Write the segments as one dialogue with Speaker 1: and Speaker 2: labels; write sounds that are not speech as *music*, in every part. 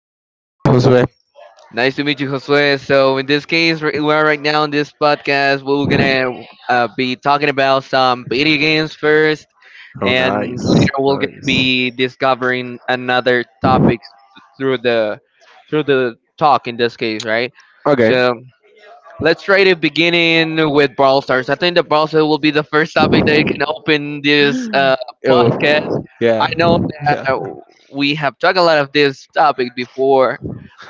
Speaker 1: to meet you. My name is Josue.
Speaker 2: Nice to meet you, Josue. So, in this case, we are right now in this podcast. We're gonna be talking about some video games first,
Speaker 1: Oh,
Speaker 2: and
Speaker 1: nice.
Speaker 2: later we'll get to
Speaker 1: Nice.
Speaker 2: be discovering another topics through the through the talk. In this case, right?
Speaker 1: Okay.
Speaker 2: So let's try to begin in with Brawl Stars. I think the Brawl Stars will be the first topic that you can open this podcast.
Speaker 1: Oh,
Speaker 2: I
Speaker 1: yeah.
Speaker 2: know that
Speaker 1: Yeah.
Speaker 2: we have talked a lot of this topic before,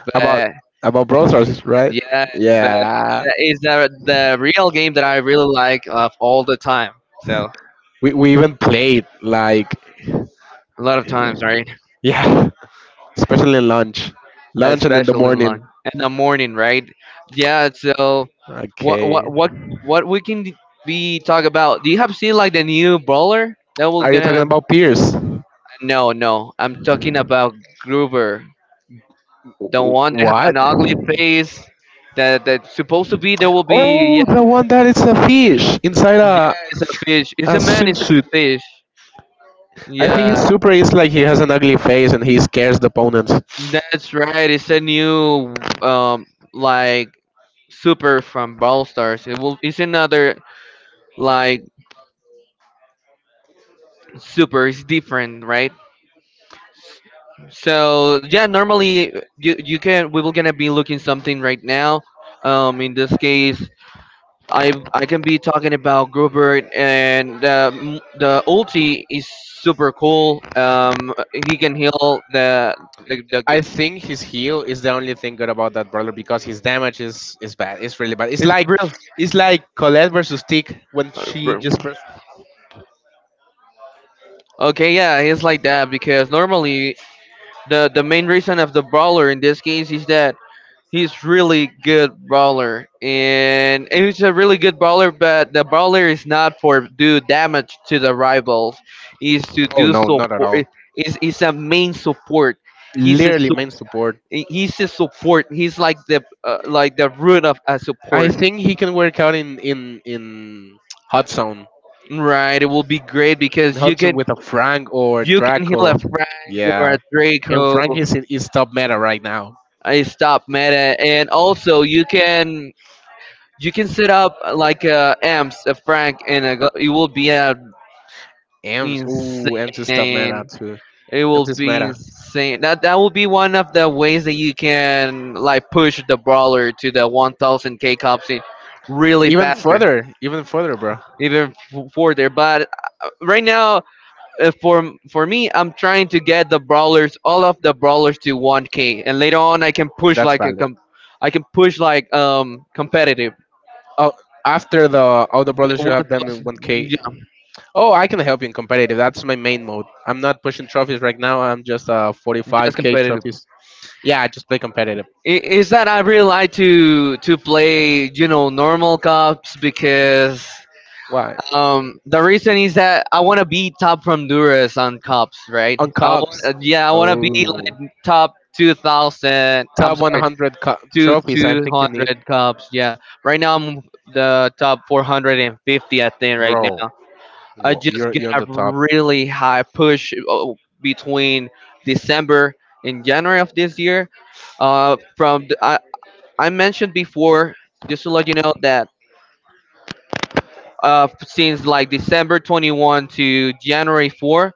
Speaker 2: but
Speaker 1: About about Brawl Stars, right?
Speaker 2: yeah, but
Speaker 1: Yeah.
Speaker 2: that is the real game that I really like of all the time. So
Speaker 1: We even played, like,
Speaker 2: a lot of times, right?
Speaker 1: yeah. Especially in lunch. Lunch and in the
Speaker 2: Especially in
Speaker 1: morning.
Speaker 2: lunch in the morning, right? Yeah. So what
Speaker 1: Okay.
Speaker 2: what what what we can be talk about? Do you have seen like the new brawler that was
Speaker 1: Are you talking
Speaker 2: gonna?
Speaker 1: about peers?
Speaker 2: No, no. I'm talking about Gruber, the one that have
Speaker 1: What?
Speaker 2: an ugly face that's supposed to be there will be.
Speaker 1: Oh, the one that is a fish inside
Speaker 2: Yeah,
Speaker 1: a
Speaker 2: it's a fish. It's
Speaker 1: a
Speaker 2: a man inside
Speaker 1: swimsuit.
Speaker 2: a fish.
Speaker 1: I think
Speaker 2: Yeah,
Speaker 1: his super is like he has an ugly face and he scares the opponents.
Speaker 2: that's right. It's a new like super from Brawl Stars. It will. It's another like super. It's different, right? So yeah, normally you can we will gonna be looking something right now. In this case, I can be talking about Grubert and the ulti is super cool. He can heal the.
Speaker 1: I think his heel is the only thing good about that brawler because his damage is bad. It's really bad. It's
Speaker 2: It's
Speaker 1: like
Speaker 2: real.
Speaker 1: it's like Colette versus Tick when she just pressed.
Speaker 2: Okay, yeah, it's like that because normally the main reason of the brawler in this case is that he's really good brawler and he's a really good brawler, but the brawler is not for do damage to the rivals. Is to
Speaker 1: Oh
Speaker 2: do
Speaker 1: no, not at
Speaker 2: support.
Speaker 1: all.
Speaker 2: Is a main support. He's a
Speaker 1: Literally
Speaker 2: su-
Speaker 1: main support.
Speaker 2: he's a support. He's like the root of a
Speaker 1: I
Speaker 2: support.
Speaker 1: think he can work out in hot zone.
Speaker 2: Right, it will be great
Speaker 1: In
Speaker 2: because
Speaker 1: hot zone with a Frank or
Speaker 2: you can heal a
Speaker 1: Draco.
Speaker 2: Frank or
Speaker 1: Yeah,
Speaker 2: a
Speaker 1: and
Speaker 2: Draco.
Speaker 1: Frank is top meta right now.
Speaker 2: I stop meta, and also you can set up like amps, a franc, and it will be
Speaker 1: Ems, ooh, Ems is top meta
Speaker 2: insane.
Speaker 1: too.
Speaker 2: It will
Speaker 1: Ems is
Speaker 2: be
Speaker 1: meta.
Speaker 2: insane. That will be one of the ways that you can like push the brawler to the 1,000K cop scene really faster,
Speaker 1: Even further, bro.
Speaker 2: even further. But right now for me, I'm trying to get the brawlers, all of the brawlers to 1K, and later on I can push
Speaker 1: That's
Speaker 2: like
Speaker 1: valid.
Speaker 2: I can push like competitive.
Speaker 1: Oh, after the all the brawlers,
Speaker 2: The
Speaker 1: you
Speaker 2: One
Speaker 1: have
Speaker 2: of
Speaker 1: them
Speaker 2: those,
Speaker 1: in 1K.
Speaker 2: yeah,
Speaker 1: Oh, I can help you in competitive. That's my main mode. I'm not pushing trophies right now. I'm just
Speaker 2: just
Speaker 1: 45K
Speaker 2: competitive.
Speaker 1: trophies. Yeah, I just play competitive.
Speaker 2: I- Is that I really like to play you know normal cups because
Speaker 1: Why?
Speaker 2: the reason is that I want to be top from Honduras on cups, right?
Speaker 1: On cups.
Speaker 2: Yeah, I want to be
Speaker 1: Oh.
Speaker 2: like top 2000. I'm
Speaker 1: Top
Speaker 2: sorry.
Speaker 1: 100 trophies. I
Speaker 2: Two
Speaker 1: think you need.
Speaker 2: hundred cups. Yeah, right now I'm the top 450. I think right now
Speaker 1: Bro,
Speaker 2: I just
Speaker 1: you're
Speaker 2: get
Speaker 1: you're on
Speaker 2: a
Speaker 1: the top.
Speaker 2: really high push between December and January of this year. Uh, from the, I I mentioned before, just to let you know that since like December 21 to January 4.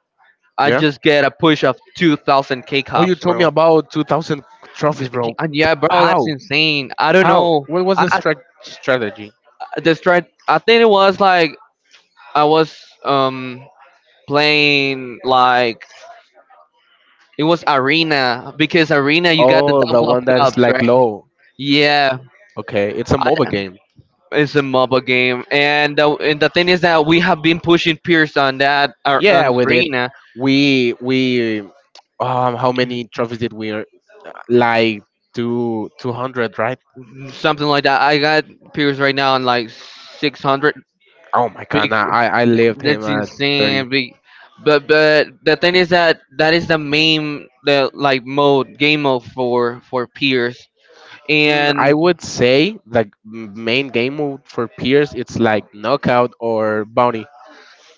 Speaker 2: I
Speaker 1: Yeah.
Speaker 2: just get a push of 2,000 K
Speaker 1: Oh, you
Speaker 2: cups,
Speaker 1: told me
Speaker 2: bro.
Speaker 1: about 2,000 trophies, bro.
Speaker 2: And yeah, bro, that's
Speaker 1: How?
Speaker 2: insane. I don't
Speaker 1: How?
Speaker 2: know.
Speaker 1: What was the
Speaker 2: I
Speaker 1: strategy?
Speaker 2: the strat. I think it was like I was um playing like it was arena because arena you got the
Speaker 1: Oh, the
Speaker 2: double of
Speaker 1: one that's
Speaker 2: cups, right?
Speaker 1: like low.
Speaker 2: Yeah,
Speaker 1: Okay, it's a MOBA
Speaker 2: I,
Speaker 1: game.
Speaker 2: it's a MOBA game, and and the thing is that we have been pushing Pierce on that
Speaker 1: Yeah,
Speaker 2: on
Speaker 1: we did.
Speaker 2: arena,
Speaker 1: We how many trophies did we earn? Like two two hundred, right?
Speaker 2: something like that. I got Pierce right now on like 600.
Speaker 1: Oh my god,
Speaker 2: Big,
Speaker 1: nah, I lived him
Speaker 2: that's
Speaker 1: at 30.
Speaker 2: insane. Big. But the thing is that that is the main the like mode game mode for Pierce
Speaker 1: Mm, I
Speaker 2: and.
Speaker 1: would say the main game mode for Pierce it's like knockout or bounty.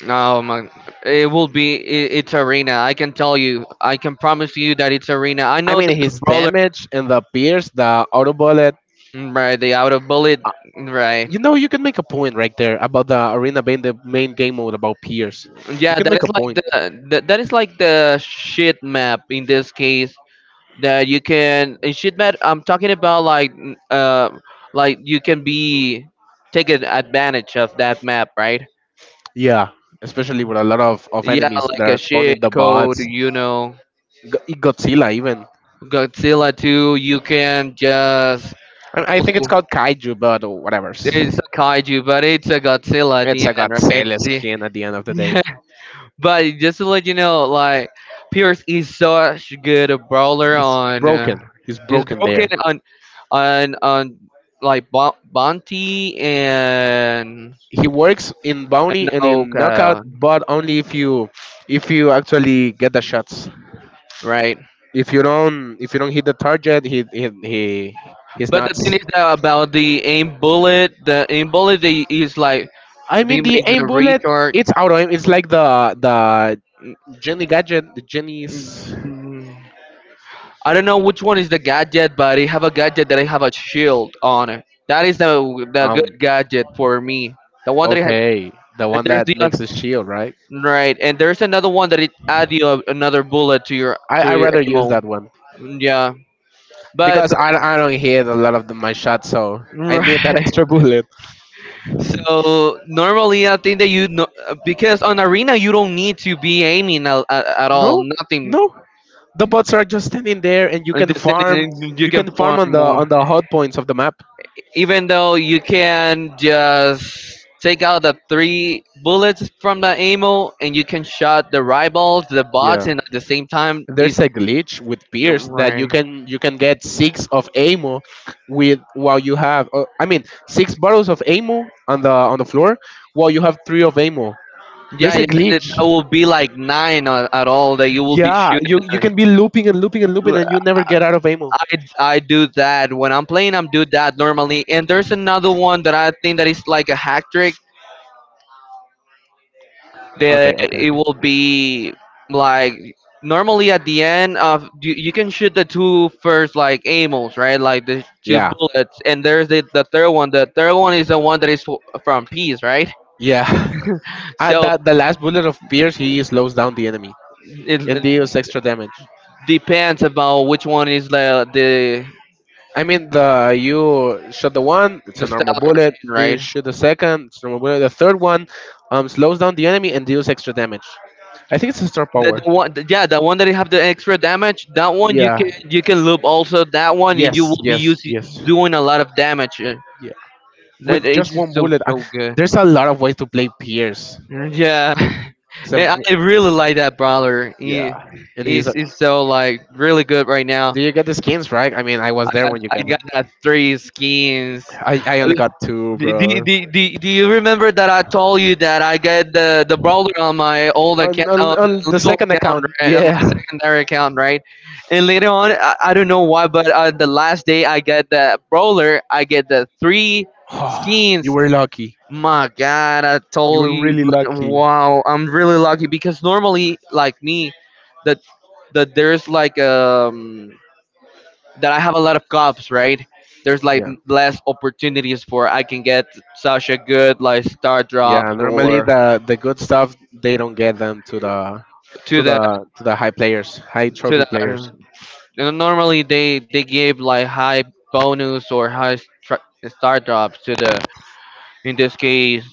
Speaker 2: Oh my! It will be. It's arena. I can tell you. I can promise you that it's arena. I
Speaker 1: I
Speaker 2: know that
Speaker 1: mean
Speaker 2: the
Speaker 1: his
Speaker 2: brawler,
Speaker 1: damage and the Pierce, the auto bullet.
Speaker 2: right? The out of bullet,
Speaker 1: uh,
Speaker 2: right?
Speaker 1: You know you can make a point right there about the arena being the main game mode about Pierce. You
Speaker 2: Yeah,
Speaker 1: can
Speaker 2: that
Speaker 1: make
Speaker 2: is
Speaker 1: a
Speaker 2: like
Speaker 1: point.
Speaker 2: that is like the shit map in this case that you can in shit map. I'm talking about like like you can be advantage of that map, right?
Speaker 1: Yeah, especially with a lot of
Speaker 2: Yeah,
Speaker 1: enemies that
Speaker 2: like a
Speaker 1: are
Speaker 2: shit
Speaker 1: spawning the
Speaker 2: code,
Speaker 1: bots.
Speaker 2: you know.
Speaker 1: Godzilla even.
Speaker 2: Godzilla 2, you can just.
Speaker 1: I think it's called Kaiju, but whatever.
Speaker 2: It's a kaiju, but it's a Godzilla at
Speaker 1: It's
Speaker 2: the
Speaker 1: a
Speaker 2: end, right?
Speaker 1: Godzilla
Speaker 2: See,
Speaker 1: skin at the end of
Speaker 2: *laughs*
Speaker 1: the day.
Speaker 2: yeah. But just to let you know, like Pierce is such good a brawler
Speaker 1: He's
Speaker 2: on,
Speaker 1: broken. He's
Speaker 2: is
Speaker 1: broken
Speaker 2: broken
Speaker 1: there.
Speaker 2: on, on like Bonte
Speaker 1: He works in bounty
Speaker 2: and
Speaker 1: and in knockout,
Speaker 2: Oka,
Speaker 1: but only if you actually get the shots.
Speaker 2: right?
Speaker 1: If you don't hit the target, he's
Speaker 2: But
Speaker 1: not.
Speaker 2: the thing is that about the aim bullet they is like
Speaker 1: I
Speaker 2: they
Speaker 1: mean the
Speaker 2: make the
Speaker 1: aim bullet.
Speaker 2: retard.
Speaker 1: It's auto aim. It's like the Jenny gadget. The Jenny's
Speaker 2: I don't know which one is the gadget, but I have a gadget that I have a shield on it. That is the
Speaker 1: um.
Speaker 2: good gadget for me. The one that I have,
Speaker 1: Okay, the
Speaker 2: and
Speaker 1: one that makes a shield, right?
Speaker 2: right, and there's another one that it add you another bullet to your
Speaker 1: I rather use
Speaker 2: ammo.
Speaker 1: that one
Speaker 2: Yeah,
Speaker 1: because
Speaker 2: but
Speaker 1: I don't hit a lot of my shots, so
Speaker 2: *laughs*
Speaker 1: I need that *laughs*
Speaker 2: right.
Speaker 1: extra bullet.
Speaker 2: So normally I think that you know because on arena you don't need to be aiming at all.
Speaker 1: No,
Speaker 2: Nothing.
Speaker 1: no, the bots are just standing there, and you
Speaker 2: And
Speaker 1: can
Speaker 2: just
Speaker 1: farm.
Speaker 2: anything you
Speaker 1: You
Speaker 2: can
Speaker 1: can
Speaker 2: farm
Speaker 1: farm on the on
Speaker 2: more.
Speaker 1: the hot points of the map.
Speaker 2: Even though you can just take out the three bullets from the ammo and you can shot the rivals, the bots,
Speaker 1: Yeah.
Speaker 2: and at the same time, it's
Speaker 1: There's a glitch with Pierce that you
Speaker 2: right.
Speaker 1: can you can get six of ammo with while you have I mean six bottles of ammo on the floor while you have three of ammo.
Speaker 2: Yeah,
Speaker 1: There's a
Speaker 2: yeah, that
Speaker 1: glitch.
Speaker 2: that will be like nine at all that you will be
Speaker 1: Yeah, you
Speaker 2: shooting.
Speaker 1: you
Speaker 2: At.
Speaker 1: can be looping and looping and looping and you never get out of aiming.
Speaker 2: I I do that when I'm playing. I'm do that normally. And there's another one that I think that is like a hack trick that
Speaker 1: Okay, okay,
Speaker 2: it
Speaker 1: okay.
Speaker 2: will be like normally at the end of you, you can shoot the two first like aimals right like the two
Speaker 1: Yeah,
Speaker 2: bullets and there's the third one is the one that is from peace right
Speaker 1: yeah. *laughs* At
Speaker 2: so
Speaker 1: that the last bullet of Pierce, he slows down the enemy and deals
Speaker 2: it
Speaker 1: extra damage.
Speaker 2: depends about which one is
Speaker 1: I mean, the you shot the one, it's
Speaker 2: the
Speaker 1: a normal
Speaker 2: stellar
Speaker 1: bullet. You
Speaker 2: right
Speaker 1: shoot the second, it's a normal bullet. The third one slows down the enemy and deals extra damage. I think it's a star power.
Speaker 2: the one yeah the one that you have the extra damage that one
Speaker 1: Yeah.
Speaker 2: you can loop also that one and you
Speaker 1: Yes,
Speaker 2: will be
Speaker 1: yes,
Speaker 2: using
Speaker 1: yes.
Speaker 2: doing a lot of damage.
Speaker 1: Yeah.
Speaker 2: That
Speaker 1: With
Speaker 2: it's
Speaker 1: just
Speaker 2: just
Speaker 1: one
Speaker 2: so
Speaker 1: bullet,
Speaker 2: so good.
Speaker 1: there's a lot of ways to play Pierce.
Speaker 2: Yeah, *laughs*
Speaker 1: Some-
Speaker 2: yeah, I really like that brawler.
Speaker 1: yeah. And he's. A,
Speaker 2: He's so like really good right now.
Speaker 1: do you get the skins, right? I mean, I was there when you
Speaker 2: I
Speaker 1: got them.
Speaker 2: got that three skins.
Speaker 1: I only
Speaker 2: *laughs*
Speaker 1: got two, bro.
Speaker 2: Do you remember that I told you that I get the brawler on my old
Speaker 1: On,
Speaker 2: account,
Speaker 1: on,
Speaker 2: on
Speaker 1: on
Speaker 2: the
Speaker 1: the
Speaker 2: little
Speaker 1: second
Speaker 2: account,
Speaker 1: account,
Speaker 2: right, on my
Speaker 1: yeah.
Speaker 2: secondary account, right? And later on, I don't know why, but the last day I get the brawler, I get the three
Speaker 1: *laughs* *sighs* You
Speaker 2: skins.
Speaker 1: were lucky.
Speaker 2: My God, I
Speaker 1: You
Speaker 2: told
Speaker 1: were
Speaker 2: you,
Speaker 1: really
Speaker 2: like,
Speaker 1: lucky.
Speaker 2: wow, I'm really lucky because normally, like me, that that there's like that I have a lot of cops, right? There's like
Speaker 1: Yeah.
Speaker 2: less opportunities for I can get such a good like star
Speaker 1: Yeah,
Speaker 2: drops
Speaker 1: normally
Speaker 2: or
Speaker 1: the good stuff they don't get them to the
Speaker 2: to
Speaker 1: to
Speaker 2: the
Speaker 1: the to the high players, high
Speaker 2: to
Speaker 1: trophy players.
Speaker 2: the. Normally they give like high bonus or star drops to the in this case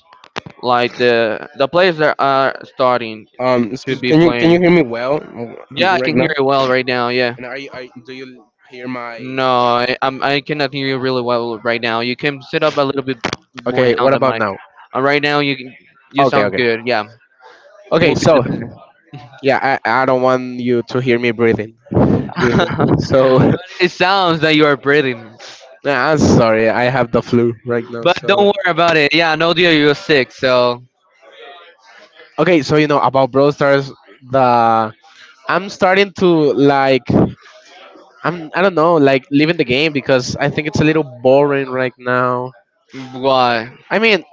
Speaker 2: like the players that are starting to
Speaker 1: Excuse,
Speaker 2: be
Speaker 1: can you can
Speaker 2: playing.
Speaker 1: you hear me well
Speaker 2: Yeah, I
Speaker 1: right
Speaker 2: can
Speaker 1: now?
Speaker 2: hear you well right now. Yeah.
Speaker 1: And do you hear my?
Speaker 2: No, I'm I cannot hear you really well right now. You can sit up a little bit more
Speaker 1: Okay, what
Speaker 2: down the
Speaker 1: about
Speaker 2: mic.
Speaker 1: now?
Speaker 2: Right now, you
Speaker 1: Okay,
Speaker 2: sound
Speaker 1: okay,
Speaker 2: good. Yeah,
Speaker 1: okay.
Speaker 2: we'll be the
Speaker 1: So yeah, I don't want you to hear me breathing.
Speaker 2: better.
Speaker 1: So *laughs*
Speaker 2: *laughs* It sounds that you are breathing,
Speaker 1: yeah, I'm sorry, I have the flu right now.
Speaker 2: but don't
Speaker 1: So
Speaker 2: worry about it. Yeah, I know that you're sick, so
Speaker 1: okay, so you know about Brawl Stars, the I'm starting to like I don't know, like, leaving the game because I think it's a little boring right now.
Speaker 2: why?
Speaker 1: I mean,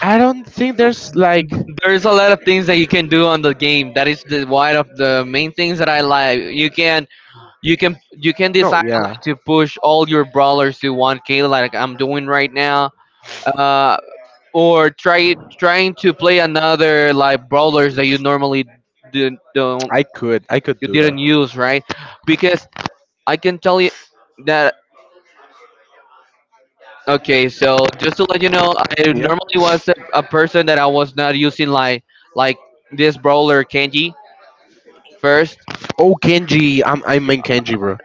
Speaker 1: I don't think there's like.
Speaker 2: There's a lot of things that you can do on the game. That is the one of the main things that I like. You can
Speaker 1: No,
Speaker 2: decide
Speaker 1: yeah,
Speaker 2: like to push all your brawlers to 1K like I'm doing right now. Uh, or try trying to play another like brawlers that you normally didn't don't
Speaker 1: I could
Speaker 2: you
Speaker 1: do that.
Speaker 2: didn't use, right? Because I can tell you that, okay, so just to let you know, I
Speaker 1: Yeah.
Speaker 2: normally was a person that I was not using like this brawler Kenji first.
Speaker 1: Oh, Kenji. I mean Kenji, bro.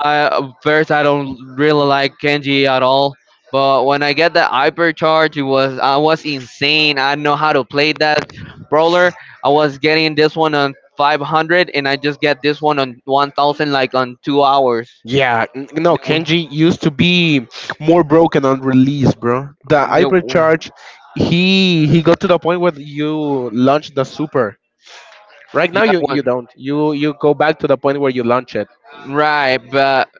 Speaker 2: I first I don't really like Kenji at all. But when I get that hypercharge, it was I was insane. I know how to play that brawler. I was getting this one on 500, and I just get this one on 1,000 like on 2 hours.
Speaker 1: Yeah, no,
Speaker 2: No,
Speaker 1: Kenji used to be more broken on release, bro. The
Speaker 2: no,
Speaker 1: hypercharge, he got to the point where you launch the super. Right now,
Speaker 2: yeah,
Speaker 1: you
Speaker 2: one,
Speaker 1: don't. You go back to the point where you launch it.
Speaker 2: right. But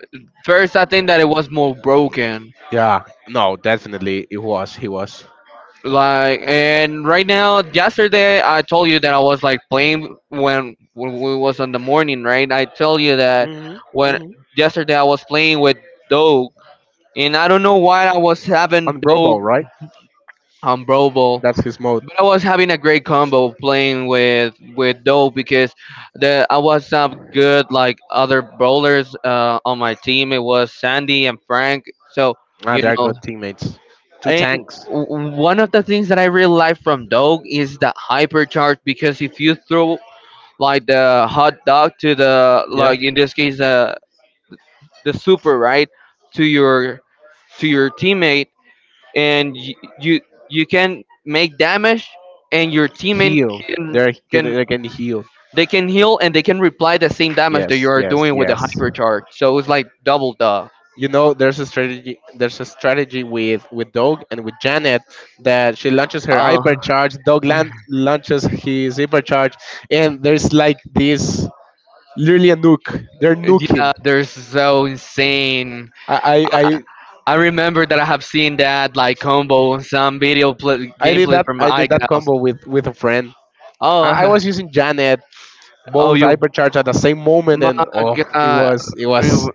Speaker 2: first, I think that it was more broken.
Speaker 1: Yeah, no, definitely it was. He was.
Speaker 2: Like, and right now, yesterday I told you that I was like playing when we was on the morning, right? I tell you that
Speaker 1: Mhm.
Speaker 2: when
Speaker 1: Mhm.
Speaker 2: yesterday I was playing with Doug. And I don't know why I was having
Speaker 1: On
Speaker 2: Doug
Speaker 1: Robo, right?
Speaker 2: on Brobo,
Speaker 1: That's his mode.
Speaker 2: but I was having a great combo playing with Doug because the I was some good like other brawlers on my team. It was Sandy and Frank. So
Speaker 1: Ah,
Speaker 2: you
Speaker 1: they are
Speaker 2: know
Speaker 1: good teammates. Two
Speaker 2: and
Speaker 1: tanks.
Speaker 2: one of the things that I really like from Dog is the hypercharge, because if you throw like the hot dog to the,
Speaker 1: Yeah.
Speaker 2: like in this case, the super, right, to your to your teammate, and you you, you can make damage, and your teammate
Speaker 1: Heal.
Speaker 2: can
Speaker 1: They're
Speaker 2: can
Speaker 1: they can heal.
Speaker 2: they can heal, and they can reply the same damage that
Speaker 1: Yes,
Speaker 2: you are
Speaker 1: yes,
Speaker 2: doing with the
Speaker 1: yes.
Speaker 2: hypercharge. So it's like double the
Speaker 1: You know there's a strategy, with Doug and with Janet that she launches her
Speaker 2: uh
Speaker 1: hypercharge, Doug launches his hypercharge, and there's like this literally a nuke. They're
Speaker 2: *laughs*
Speaker 1: nuking.
Speaker 2: yeah, they're so insane.
Speaker 1: I I, I
Speaker 2: I remember that I have seen that like combo in some video play,
Speaker 1: I did
Speaker 2: gameplay
Speaker 1: that,
Speaker 2: from iCows.
Speaker 1: combo with a friend. I
Speaker 2: Oh,
Speaker 1: was using Janet,
Speaker 2: *laughs* oh,
Speaker 1: both
Speaker 2: you,
Speaker 1: hypercharge at the same moment
Speaker 2: my
Speaker 1: and oh it
Speaker 2: God.
Speaker 1: was it was
Speaker 2: Ew.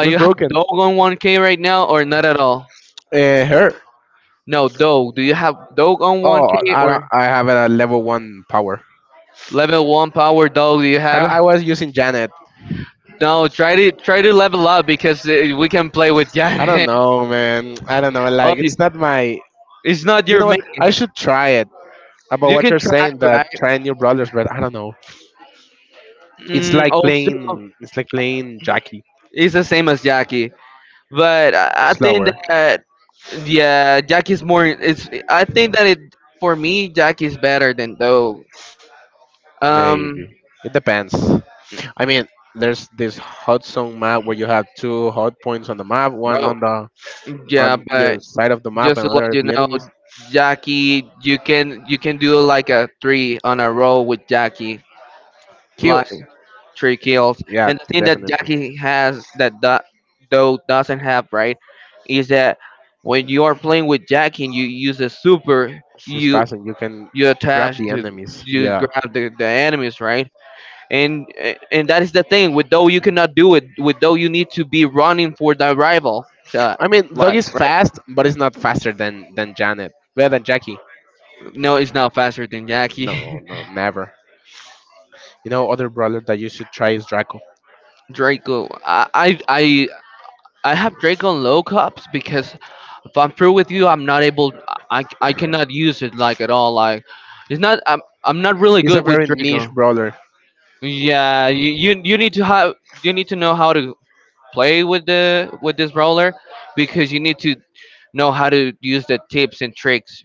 Speaker 1: it was
Speaker 2: you have
Speaker 1: broken.
Speaker 2: Dog on 1K right now or not at all?
Speaker 1: Her
Speaker 2: No, Dog. Do you have Dog on
Speaker 1: Oh,
Speaker 2: 1K
Speaker 1: I don't,
Speaker 2: or
Speaker 1: I have a level one power.
Speaker 2: level one power Dog? Do you
Speaker 1: I,
Speaker 2: have it?
Speaker 1: I was using Janet.
Speaker 2: No, try to try to level up because we can play with
Speaker 1: I don't
Speaker 2: Janet. *laughs*
Speaker 1: know, man. I don't know.
Speaker 2: Oh,
Speaker 1: Like, it's not my.
Speaker 2: it's not
Speaker 1: You
Speaker 2: your
Speaker 1: know what?
Speaker 2: main.
Speaker 1: I should try it. About
Speaker 2: You
Speaker 1: what
Speaker 2: can
Speaker 1: you're
Speaker 2: try,
Speaker 1: saying,
Speaker 2: right?
Speaker 1: that trying new brawlers, but I don't know.
Speaker 2: Mm, also,
Speaker 1: It's like playing Jackie.
Speaker 2: it's the same as Jackie, but I think
Speaker 1: Slower,
Speaker 2: that, yeah, Jack is more. It's, I think that it for me, Jack is better than Dog. Um,
Speaker 1: maybe. It depends. I mean, there's this hot zone map where you have two hot points on the map, one
Speaker 2: bro.
Speaker 1: on the
Speaker 2: Yeah,
Speaker 1: on your
Speaker 2: but
Speaker 1: side of the map,
Speaker 2: just
Speaker 1: and
Speaker 2: to
Speaker 1: other
Speaker 2: let
Speaker 1: at
Speaker 2: you
Speaker 1: the
Speaker 2: know,
Speaker 1: enemies.
Speaker 2: Jackie, you can do like a three on a roll with Jackie, like
Speaker 1: Kills.
Speaker 2: three kills.
Speaker 1: Yeah,
Speaker 2: And the thing that
Speaker 1: definitely.
Speaker 2: Jackie has that Dog doesn't have, right, is that when you are playing with Jackie and you use a super,
Speaker 1: She's
Speaker 2: you
Speaker 1: fast and you can grab
Speaker 2: attach
Speaker 1: the
Speaker 2: to,
Speaker 1: enemies.
Speaker 2: you
Speaker 1: Yeah.
Speaker 2: grab the enemies, right? And that is the thing with though you cannot do it with though you need to be running for the rival. So
Speaker 1: I mean, Doug
Speaker 2: like
Speaker 1: is
Speaker 2: right
Speaker 1: fast, but it's not faster than Janet. Better than Jackie.
Speaker 2: no, it's not faster than Jackie.
Speaker 1: No, no, never. You know, other brawler that you should try is Draco.
Speaker 2: *laughs* Draco, I have Draco on low cups because if I'm through with you, I'm not able, I cannot use it like at all. Like, it's not, I'm not really
Speaker 1: He's a
Speaker 2: good with
Speaker 1: very niche
Speaker 2: Draco.
Speaker 1: brawler.
Speaker 2: Yeah, you need to have, you need to know how to play with the with this roller, because you need to know how to use the tips and tricks.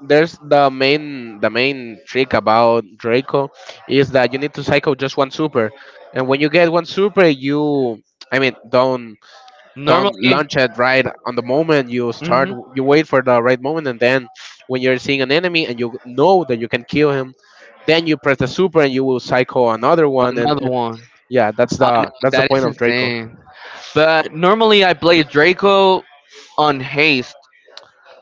Speaker 1: There's the main trick about Draco is that you need to cycle just one super, and when you get one super, you I mean, don't
Speaker 2: Normally,
Speaker 1: launch it right on the moment. You start
Speaker 2: mhm,
Speaker 1: you wait for the right moment, and then when you're seeing an enemy and you know that you can kill him, then you press the super and you will cycle another one, and,
Speaker 2: another
Speaker 1: and
Speaker 2: one.
Speaker 1: yeah, that's
Speaker 2: I know,
Speaker 1: the
Speaker 2: that is
Speaker 1: point of Draco.
Speaker 2: insane. But normally I play Draco on haste.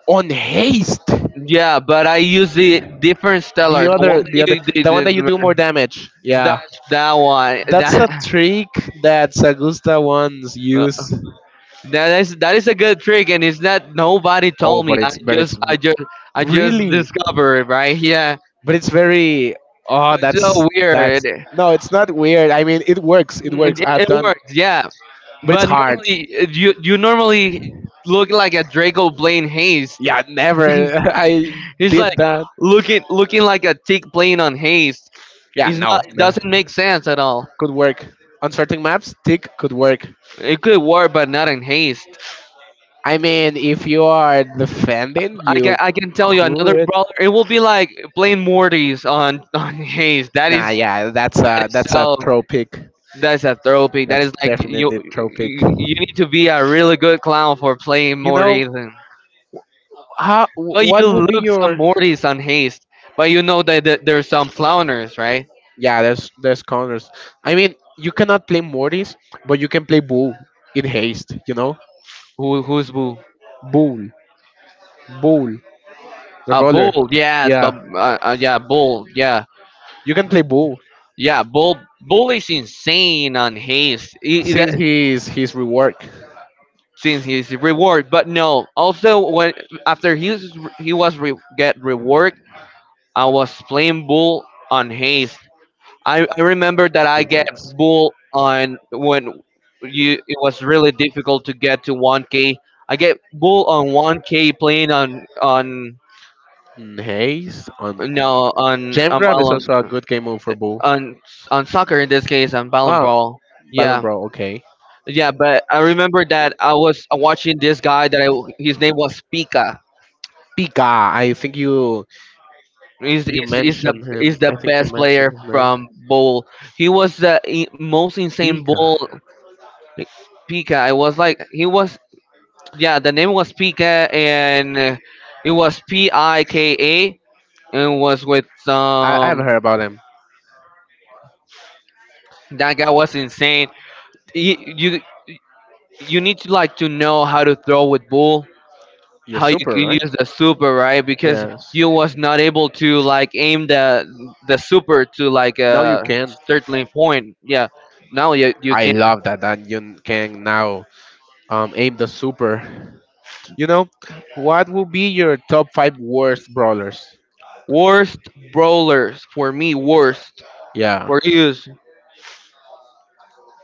Speaker 1: On haste.
Speaker 2: Yeah, but I use the different
Speaker 1: The
Speaker 2: stellar, the
Speaker 1: other,
Speaker 2: one
Speaker 1: the
Speaker 2: that
Speaker 1: other,
Speaker 2: you
Speaker 1: the one that
Speaker 2: did,
Speaker 1: you do more damage.
Speaker 2: that
Speaker 1: Yeah,
Speaker 2: that one.
Speaker 1: that's
Speaker 2: That
Speaker 1: a trick that Sagusta once used.
Speaker 2: *laughs* That is that is a good trick, and it's that nobody
Speaker 1: Oh,
Speaker 2: told me.
Speaker 1: but
Speaker 2: I
Speaker 1: it's
Speaker 2: just I just I just
Speaker 1: really,
Speaker 2: discovered it, right? Yeah.
Speaker 1: but it's very. Oh,
Speaker 2: It's so
Speaker 1: that's
Speaker 2: weird.
Speaker 1: no, it's not weird. I mean, it works. It
Speaker 2: Mm,
Speaker 1: works.
Speaker 2: It,
Speaker 1: I've
Speaker 2: it
Speaker 1: done,
Speaker 2: works, yeah.
Speaker 1: but it's
Speaker 2: But
Speaker 1: hard.
Speaker 2: normally you, you normally look like a Draco Blaine Hayes.
Speaker 1: Yeah, never. *laughs* I
Speaker 2: He's
Speaker 1: did
Speaker 2: like
Speaker 1: that.
Speaker 2: looking like a tick playing on haste.
Speaker 1: Yeah,
Speaker 2: He's
Speaker 1: no,
Speaker 2: not,
Speaker 1: no.
Speaker 2: doesn't make sense at all.
Speaker 1: Could work on certain maps. Tick could work.
Speaker 2: It could work, but not in haste.
Speaker 1: I mean, if you are defending, you
Speaker 2: I can tell you another
Speaker 1: could.
Speaker 2: brawler. It will be like playing Mortys on *laughs* on haste. That is
Speaker 1: Nah,
Speaker 2: that
Speaker 1: yeah, that's a
Speaker 2: is so.
Speaker 1: tropic.
Speaker 2: that is a therapy. That
Speaker 1: That's
Speaker 2: is like
Speaker 1: definitely a tropic.
Speaker 2: you need to be a really good clown for playing
Speaker 1: You know
Speaker 2: Mortys. And,
Speaker 1: how?
Speaker 2: but
Speaker 1: What
Speaker 2: you
Speaker 1: would be
Speaker 2: look some
Speaker 1: your?
Speaker 2: Mortys on haste. But you know that, there's some clowners, right?
Speaker 1: Yeah, there's counters. I mean, you cannot play Mortis, but you can play Bull in haste. You know,
Speaker 2: Who?
Speaker 1: Bull, Bull, the
Speaker 2: A
Speaker 1: brawler.
Speaker 2: bull, yeah,
Speaker 1: Yeah,
Speaker 2: but yeah, bull, yeah.
Speaker 1: you can play Bull.
Speaker 2: Yeah, Bull, is insane on haste. He,
Speaker 1: Since
Speaker 2: that
Speaker 1: he's rework,
Speaker 2: since his reward, but no. Also, when after he was, get reworked, I was playing Bull on haste. I remember that
Speaker 1: he
Speaker 2: I get
Speaker 1: works.
Speaker 2: Bull on when you it was really difficult to get to 1K. I get Bull on 1K playing on
Speaker 1: Nice. On
Speaker 2: no, on
Speaker 1: Jam Grab is
Speaker 2: ballon,
Speaker 1: also a good game move for Bull.
Speaker 2: on soccer, in this case on ballon
Speaker 1: Ah,
Speaker 2: ball.
Speaker 1: Ballon
Speaker 2: Yeah,
Speaker 1: Bro. Okay.
Speaker 2: yeah, but I remember that I was watching this guy that his name was Pika.
Speaker 1: Pika. I think you
Speaker 2: He's the,
Speaker 1: mentioned
Speaker 2: he's
Speaker 1: him.
Speaker 2: the
Speaker 1: I think you
Speaker 2: best
Speaker 1: mentioned
Speaker 2: player
Speaker 1: his name.
Speaker 2: from bowl. He was the most insane
Speaker 1: Pika.
Speaker 2: bowl. Pika. I was like he was, yeah, the name was Pika, and it was Pika, and was with
Speaker 1: I've
Speaker 2: some,
Speaker 1: heard about him.
Speaker 2: that guy was insane. He, you need to like to know how to throw with bull,
Speaker 1: You're
Speaker 2: how you
Speaker 1: super,
Speaker 2: can
Speaker 1: right?
Speaker 2: use the super, right, because
Speaker 1: Yes.
Speaker 2: you was not able to like aim the super to like
Speaker 1: Now you
Speaker 2: a
Speaker 1: can.
Speaker 2: certain point. Yeah, now you
Speaker 1: I
Speaker 2: can.
Speaker 1: love that that you can now aim the super. You know, what will be your top five worst brawlers?
Speaker 2: Worst brawlers, for me, worst
Speaker 1: Yeah.
Speaker 2: for use,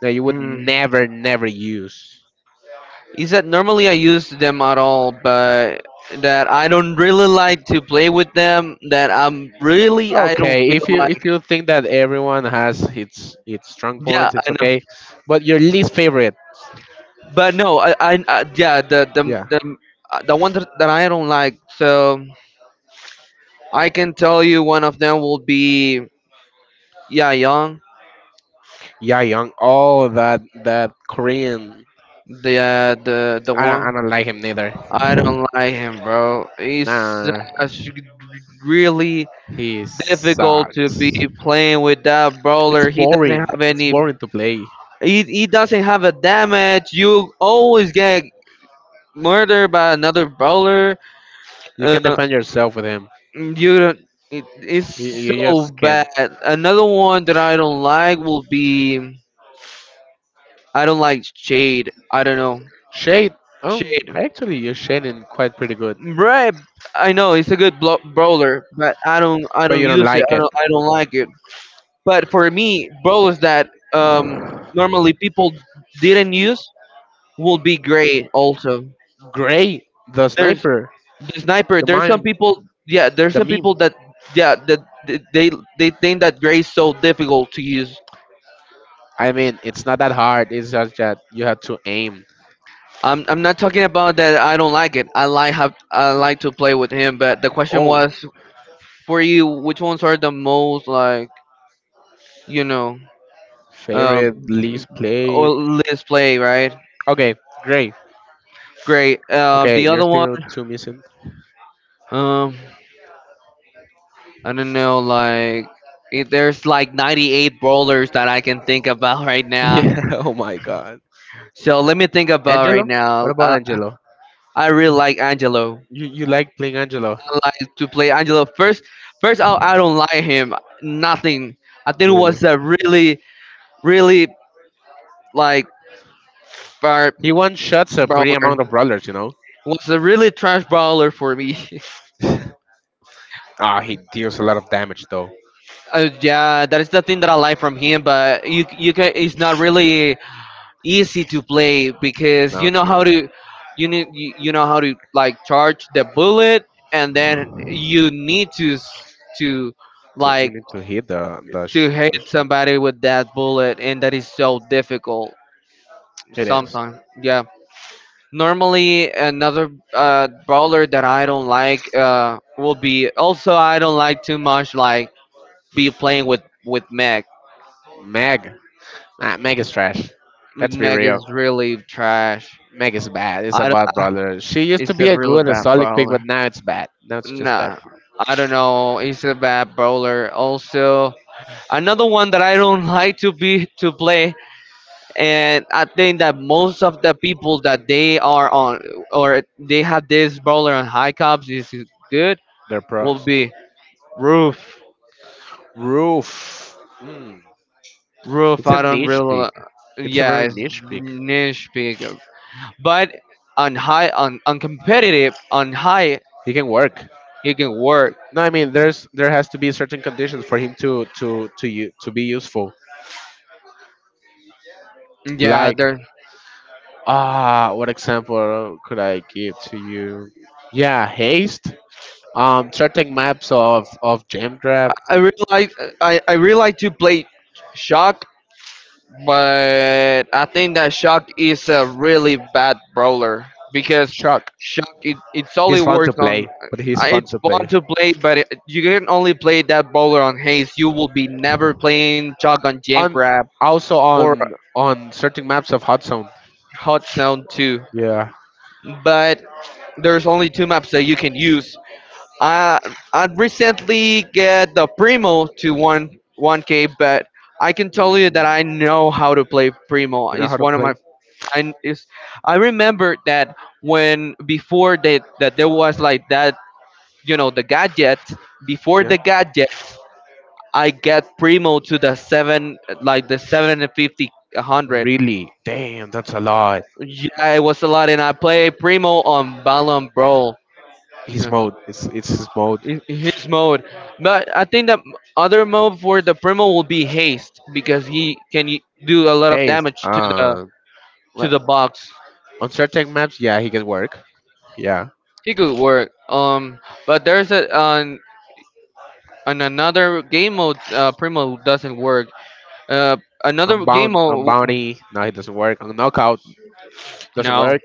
Speaker 1: That you would
Speaker 2: mm,
Speaker 1: never, never use.
Speaker 2: is that normally I use them at all, but that I don't really like to play with them, that I'm really, I don't
Speaker 1: Okay,
Speaker 2: feel
Speaker 1: if you
Speaker 2: like,
Speaker 1: if you think that everyone has its strong
Speaker 2: yeah,
Speaker 1: points, it's
Speaker 2: I know.
Speaker 1: okay. But your least favorite.
Speaker 2: But no, I yeah, the the,
Speaker 1: Yeah.
Speaker 2: the the one that, that I don't like. So I can tell you one of them will be, yeah, Young,
Speaker 1: Yeah, Young. Oh, that Korean.
Speaker 2: the
Speaker 1: i don't i
Speaker 2: one.
Speaker 1: don't like him neither.
Speaker 2: I don't like him, bro. He's
Speaker 1: Nah,
Speaker 2: such, really
Speaker 1: he
Speaker 2: difficult to be
Speaker 1: sucks.
Speaker 2: playing with that
Speaker 1: It's
Speaker 2: brawler. He doesn't
Speaker 1: boring.
Speaker 2: have
Speaker 1: It's
Speaker 2: any.
Speaker 1: boring to play.
Speaker 2: He doesn't have a damage. You always get murdered by another brawler.
Speaker 1: You
Speaker 2: Uh,
Speaker 1: can defend yourself with him.
Speaker 2: you don't. It,
Speaker 1: you,
Speaker 2: it's
Speaker 1: you
Speaker 2: so
Speaker 1: just
Speaker 2: bad.
Speaker 1: can't.
Speaker 2: Another one that I don't like will be, I don't like Shade. I don't know.
Speaker 1: Shade. Oh,
Speaker 2: Shade.
Speaker 1: actually, you're shading quite pretty good,
Speaker 2: Right, I know it's a good brawler, but I
Speaker 1: but
Speaker 2: don't
Speaker 1: you don't
Speaker 2: use it.
Speaker 1: like it.
Speaker 2: I don't like it. But for me, brawlers that um normally people didn't use will be great also.
Speaker 1: Gray, the
Speaker 2: There's
Speaker 1: sniper,
Speaker 2: the sniper.
Speaker 1: the
Speaker 2: There's some
Speaker 1: mime,
Speaker 2: people. Yeah,
Speaker 1: the
Speaker 2: there's some
Speaker 1: meme.
Speaker 2: people that, yeah, that they think that Gray is so difficult to use.
Speaker 1: I mean, it's not that hard. It's just that you have to aim.
Speaker 2: I'm not talking about that. I don't like it. I like to play with him. But the question
Speaker 1: Oh,
Speaker 2: was for you, which ones are the most like you know
Speaker 1: favorite
Speaker 2: Um,
Speaker 1: least
Speaker 2: or
Speaker 1: played.
Speaker 2: let's play, right?
Speaker 1: Okay, Gray.
Speaker 2: Great. The
Speaker 1: Okay, you're
Speaker 2: other one,
Speaker 1: still two missing.
Speaker 2: um, I don't know, like, if there's like 98 brawlers that I can think about *laughs* right
Speaker 1: *laughs*
Speaker 2: now.
Speaker 1: Yeah. Oh my God.
Speaker 2: So let me think about right
Speaker 1: Angelo? What
Speaker 2: now.
Speaker 1: about Angelo?
Speaker 2: I really like Angelo.
Speaker 1: You like playing Angelo?
Speaker 2: I like to play Angelo first. First, I don't like him. Nothing. I think it
Speaker 1: Really?
Speaker 2: was a really, really like bar
Speaker 1: He one shots a pretty
Speaker 2: brawler.
Speaker 1: amount of brawlers.
Speaker 2: Was a really trash brawler for me. *laughs*
Speaker 1: Ah, he deals a lot of damage though.
Speaker 2: Yeah, that is the thing that I like from him. But you can. It's not really easy to play because
Speaker 1: No,
Speaker 2: you
Speaker 1: it's
Speaker 2: know
Speaker 1: not.
Speaker 2: how to, you need, you know how to like charge the bullet, and then you need to, to,
Speaker 1: You
Speaker 2: like
Speaker 1: need to hit the the,
Speaker 2: to
Speaker 1: sh- the
Speaker 2: hit
Speaker 1: sh-
Speaker 2: somebody with that bullet, and that is so difficult
Speaker 1: It is.
Speaker 2: sometimes. Yeah.
Speaker 1: Normally,
Speaker 2: Normally,
Speaker 1: another
Speaker 2: another brawler that I don't like will be, also I don't like too much like be playing with Mech.
Speaker 1: Meg. Nah, Meg is trash. Let's be
Speaker 2: Meg
Speaker 1: real.
Speaker 2: is really trash.
Speaker 1: Meg is bad. It's a
Speaker 2: I
Speaker 1: bad
Speaker 2: don't,
Speaker 1: brother. She
Speaker 2: *laughs*
Speaker 1: used to
Speaker 2: he's
Speaker 1: be
Speaker 2: a
Speaker 1: a
Speaker 2: really
Speaker 1: good and
Speaker 2: bad
Speaker 1: solid pick, but
Speaker 2: bowler.
Speaker 1: now it's bad. Now it's just bad.
Speaker 2: Nah, I don't know. He's a bad bowler. Also, another one that I don't *laughs* like to be to play, and I think that most of the people that they are on or they have this bowler on high cups is good,
Speaker 1: They're
Speaker 2: will
Speaker 1: pros.
Speaker 2: be Roof.
Speaker 1: Roof. Mm. It's
Speaker 2: Roof.
Speaker 1: a
Speaker 2: I don't
Speaker 1: niche pick.
Speaker 2: really.
Speaker 1: It's a
Speaker 2: Yeah,
Speaker 1: very
Speaker 2: it's
Speaker 1: niche pick.
Speaker 2: niche pick, but on high on competitive on high,
Speaker 1: He can work.
Speaker 2: it can work.
Speaker 1: No, I mean there has to be certain conditions for him to you to be useful.
Speaker 2: Yeah,
Speaker 1: Like,
Speaker 2: there.
Speaker 1: ah, what example could I give to you? Yeah, haste. Certain maps of Jam Grab.
Speaker 2: I really like. I really like to play Shock, but I think that Shock is a really bad brawler because
Speaker 1: Shock.
Speaker 2: Shock, it it's
Speaker 1: He's
Speaker 2: only
Speaker 1: fun to
Speaker 2: works
Speaker 1: play,
Speaker 2: on.
Speaker 1: but he's fun
Speaker 2: It's
Speaker 1: to play.
Speaker 2: fun to play, but it, you can only play that brawler on Haze. You will be never playing Shock on Jam
Speaker 1: On,
Speaker 2: Grab
Speaker 1: also
Speaker 2: or
Speaker 1: on certain maps of Hot Zone.
Speaker 2: Hot Zone Two.
Speaker 1: Yeah.
Speaker 2: But there's only two maps that you can use. I I recently get the Primo to one K, but I can tell you that I know how to play Primo.
Speaker 1: You know
Speaker 2: It's
Speaker 1: how to
Speaker 2: one of
Speaker 1: play?
Speaker 2: my I is I remember that when before that there was like that, you know the gadget, before
Speaker 1: Yeah.
Speaker 2: the gadget, I get Primo to the seven, like the seven and fifty
Speaker 1: 100.
Speaker 2: hundred.
Speaker 1: Really? Damn, that's a lot.
Speaker 2: Yeah, it was a lot, and I play Primo on Ballon Brawl.
Speaker 1: His
Speaker 2: Yeah,
Speaker 1: mode. It's his mode.
Speaker 2: in his mode. But I think that other mode for the Primo will be haste, because he can do a lot of
Speaker 1: Hey,
Speaker 2: damage
Speaker 1: uh,
Speaker 2: to
Speaker 1: what?
Speaker 2: the box.
Speaker 1: On certain maps, yeah, he can work. Yeah.
Speaker 2: He could work. But there's a on another game mode Primo doesn't work. Uh,
Speaker 1: Another
Speaker 2: another game
Speaker 1: Unbound,
Speaker 2: mode,
Speaker 1: Unbounty, no, he doesn't work. On Knockout, doesn't
Speaker 2: no,
Speaker 1: work.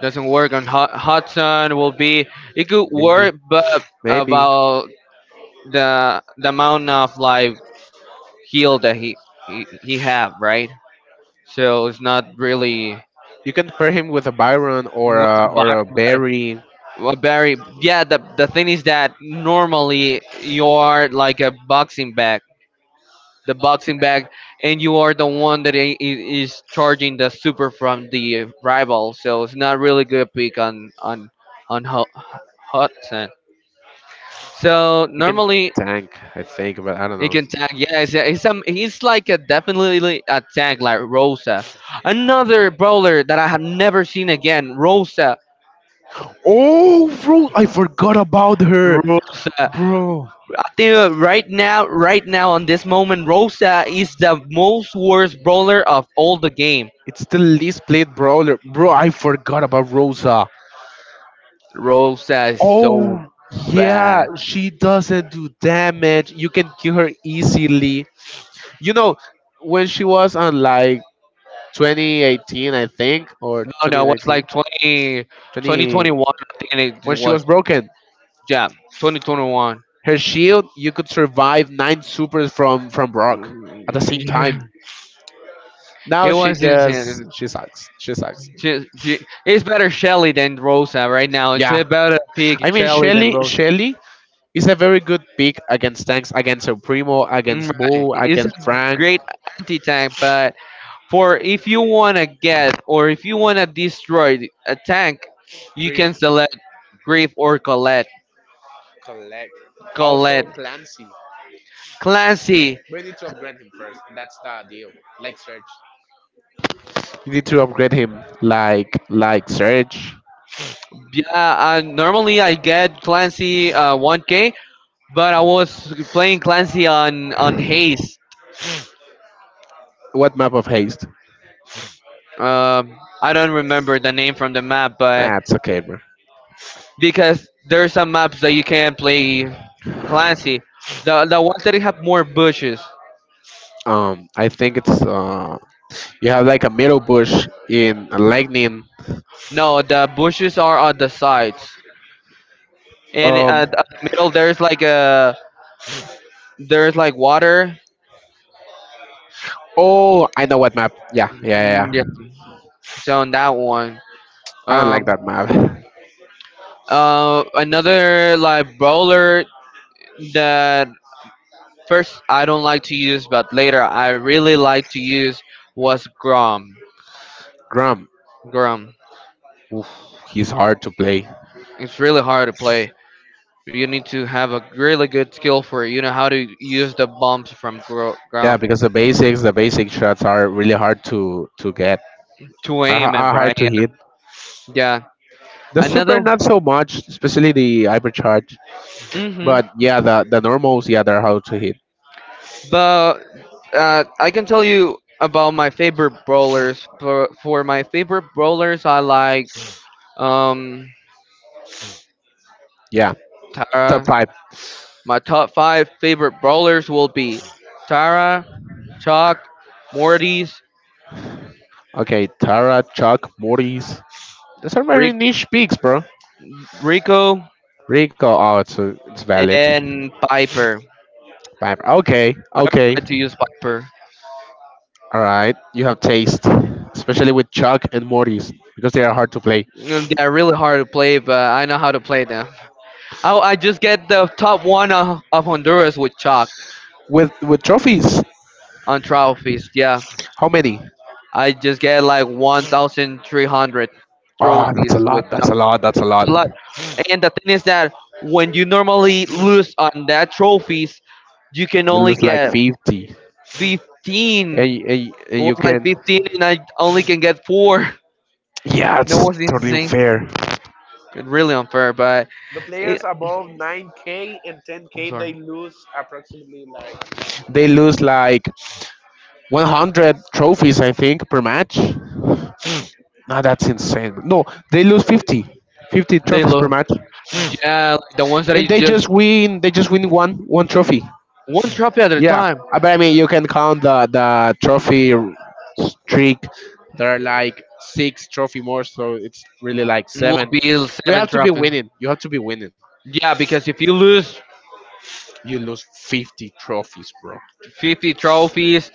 Speaker 2: doesn't work on Hot Sun, will be, it could
Speaker 1: Maybe.
Speaker 2: work, but
Speaker 1: Maybe.
Speaker 2: about the amount of like heal that he have right. So it's not really
Speaker 1: You can pair him with a Byron
Speaker 2: with
Speaker 1: or a Barry.
Speaker 2: Well, Barry. Yeah, the thing is that normally you are like a boxing bag, the boxing bag, and you are the one that is charging the super from the rival. So it's not really good pick on on Ho- Hudson. So
Speaker 1: You can
Speaker 2: normally
Speaker 1: tank, I think, but I don't
Speaker 2: he
Speaker 1: know.
Speaker 2: can tag. Yeah, he's like a definitely a tag like Rosa, another brawler that I have never seen again. Rosa.
Speaker 1: Oh, bro, I forgot about her,
Speaker 2: Rosa.
Speaker 1: bro.
Speaker 2: Dude, right now, on this moment, Rosa is the most worst brawler of all the game.
Speaker 1: It's the least played brawler, bro. I forgot about Rosa.
Speaker 2: Rosa is so
Speaker 1: Oh, yeah,
Speaker 2: bad.
Speaker 1: she doesn't do damage. You can kill her easily. You know, when she was on like 2018, I think, or
Speaker 2: No, no, it was
Speaker 1: 2019,
Speaker 2: like 20,
Speaker 1: 20,
Speaker 2: 2021. I think
Speaker 1: when
Speaker 2: it
Speaker 1: she
Speaker 2: was.
Speaker 1: was broken.
Speaker 2: Yeah, 2021.
Speaker 1: Her shield, you could survive 9 supers from Brock at the same time.
Speaker 2: *laughs*
Speaker 1: Now
Speaker 2: It
Speaker 1: she
Speaker 2: was
Speaker 1: just
Speaker 2: insane.
Speaker 1: she sucks. She sucks.
Speaker 2: She, she, it's better Shelly than Rosa right now. It's
Speaker 1: Yeah.
Speaker 2: a better pick
Speaker 1: I mean,
Speaker 2: Shelly than
Speaker 1: Shelly
Speaker 2: Rosa.
Speaker 1: Shelly is a very good pick against tanks, against El Primo,
Speaker 2: Mm,
Speaker 1: against
Speaker 2: right.
Speaker 1: Boo,
Speaker 2: It's a
Speaker 1: against Frank.
Speaker 2: great anti tank, but for if you want to get or if you want to destroy a tank, you
Speaker 1: Drift,
Speaker 2: can select
Speaker 1: drift,
Speaker 2: Grief or Colette.
Speaker 1: collect.
Speaker 2: Colette.
Speaker 1: Also Clancy.
Speaker 2: Clancy.
Speaker 1: We need to upgrade him first. That's the deal. Like Surge. You need to upgrade him, like Serge.
Speaker 2: Yeah, normally I get Clancy 1K, but I was playing Clancy on Haze.
Speaker 1: What map of haste?
Speaker 2: I don't remember the name from the map, but
Speaker 1: Nah, it's okay, bro.
Speaker 2: because there are some maps that you can play Clancy. The ones that have more bushes.
Speaker 1: I think it's you have like a middle bush in a lightning.
Speaker 2: No, the bushes are on the sides. And
Speaker 1: Um,
Speaker 2: the middle, there's like water.
Speaker 1: oh, I know what map. Yeah, yeah,
Speaker 2: Mm,
Speaker 1: yeah,
Speaker 2: yeah,
Speaker 1: yeah.
Speaker 2: so on that one,
Speaker 1: I don't like
Speaker 2: um,
Speaker 1: that map. *laughs*
Speaker 2: another like brawler that first I don't like to use, but later I really like to use was Grom.
Speaker 1: Grum,
Speaker 2: Grom.
Speaker 1: oof, he's hard to play.
Speaker 2: It's really hard to play. You need to have a really good skill for it. You know how to use the bumps from
Speaker 1: Yeah,
Speaker 2: Grom
Speaker 1: because the basics, the basic shots are really hard to get.
Speaker 2: to
Speaker 1: Are, ha-
Speaker 2: aim it
Speaker 1: are
Speaker 2: right.
Speaker 1: hard to hit.
Speaker 2: Yeah. Yeah.
Speaker 1: The super
Speaker 2: Another.
Speaker 1: not so much, especially the hypercharge.
Speaker 2: Mhm.
Speaker 1: But yeah, the normals, yeah, they're hard to hit.
Speaker 2: But I can tell you about my favorite brawlers. For my favorite brawlers, I like um,
Speaker 1: Yeah, top
Speaker 2: Tara.
Speaker 1: five.
Speaker 2: My top five favorite brawlers will be Tara, Chalk, Mortis,
Speaker 1: Okay, Tara, Chuck, Morty's. Those are very
Speaker 2: Rick,
Speaker 1: niche picks, bro.
Speaker 2: Rico,
Speaker 1: Rico, oh, it's valid.
Speaker 2: and Piper. I
Speaker 1: Vibe. Okay,
Speaker 2: really
Speaker 1: okay,
Speaker 2: like to use Piper.
Speaker 1: all right. You have taste, especially with Chuck and Morty's because they are hard to play.
Speaker 2: Mm, they're really hard to play, but I know how to play them. I just get the top one of Honduras with Chalk
Speaker 1: With trophies,
Speaker 2: on trophies. Yeah.
Speaker 1: how many?
Speaker 2: I just get like 1,300
Speaker 1: Ah, that's a
Speaker 2: trophies with.
Speaker 1: lot. That's a lot. That's a
Speaker 2: That's
Speaker 1: lot.
Speaker 2: a lot. And the thing is that when you normally lose on that trophies, you can
Speaker 1: You
Speaker 2: only
Speaker 1: lose like
Speaker 2: get
Speaker 1: 50. And,
Speaker 2: 15.
Speaker 1: y- and, y- and
Speaker 2: It was
Speaker 1: you can.
Speaker 2: like 15 and I only can get 4. *laughs*
Speaker 1: Yeah,
Speaker 2: That
Speaker 1: it's
Speaker 2: was
Speaker 1: totally
Speaker 2: insane.
Speaker 1: unfair.
Speaker 2: It's really unfair, but
Speaker 1: The
Speaker 2: it,
Speaker 1: players above 9k and
Speaker 2: I'm
Speaker 1: 10k, they
Speaker 2: sorry.
Speaker 1: lose approximately like, they lose like 100 trophies, I think, per match. No, that's insane. No, they lose 50, 50
Speaker 2: They
Speaker 1: trophies per
Speaker 2: look,
Speaker 1: match.
Speaker 2: yeah, like the ones that
Speaker 1: And
Speaker 2: is
Speaker 1: they
Speaker 2: just
Speaker 1: just win. They just win one trophy.
Speaker 2: one trophy at a
Speaker 1: Yeah,
Speaker 2: time
Speaker 1: I- but I mean, you can count the trophy streak. There are like six trophy more, so it's really like
Speaker 2: will
Speaker 1: seven.
Speaker 2: be
Speaker 1: But you
Speaker 2: seven
Speaker 1: have to be
Speaker 2: trophy.
Speaker 1: winning. You have to be winning.
Speaker 2: Yeah, because if you lose
Speaker 1: You lose 50 trophies, bro.
Speaker 2: 50 trophies.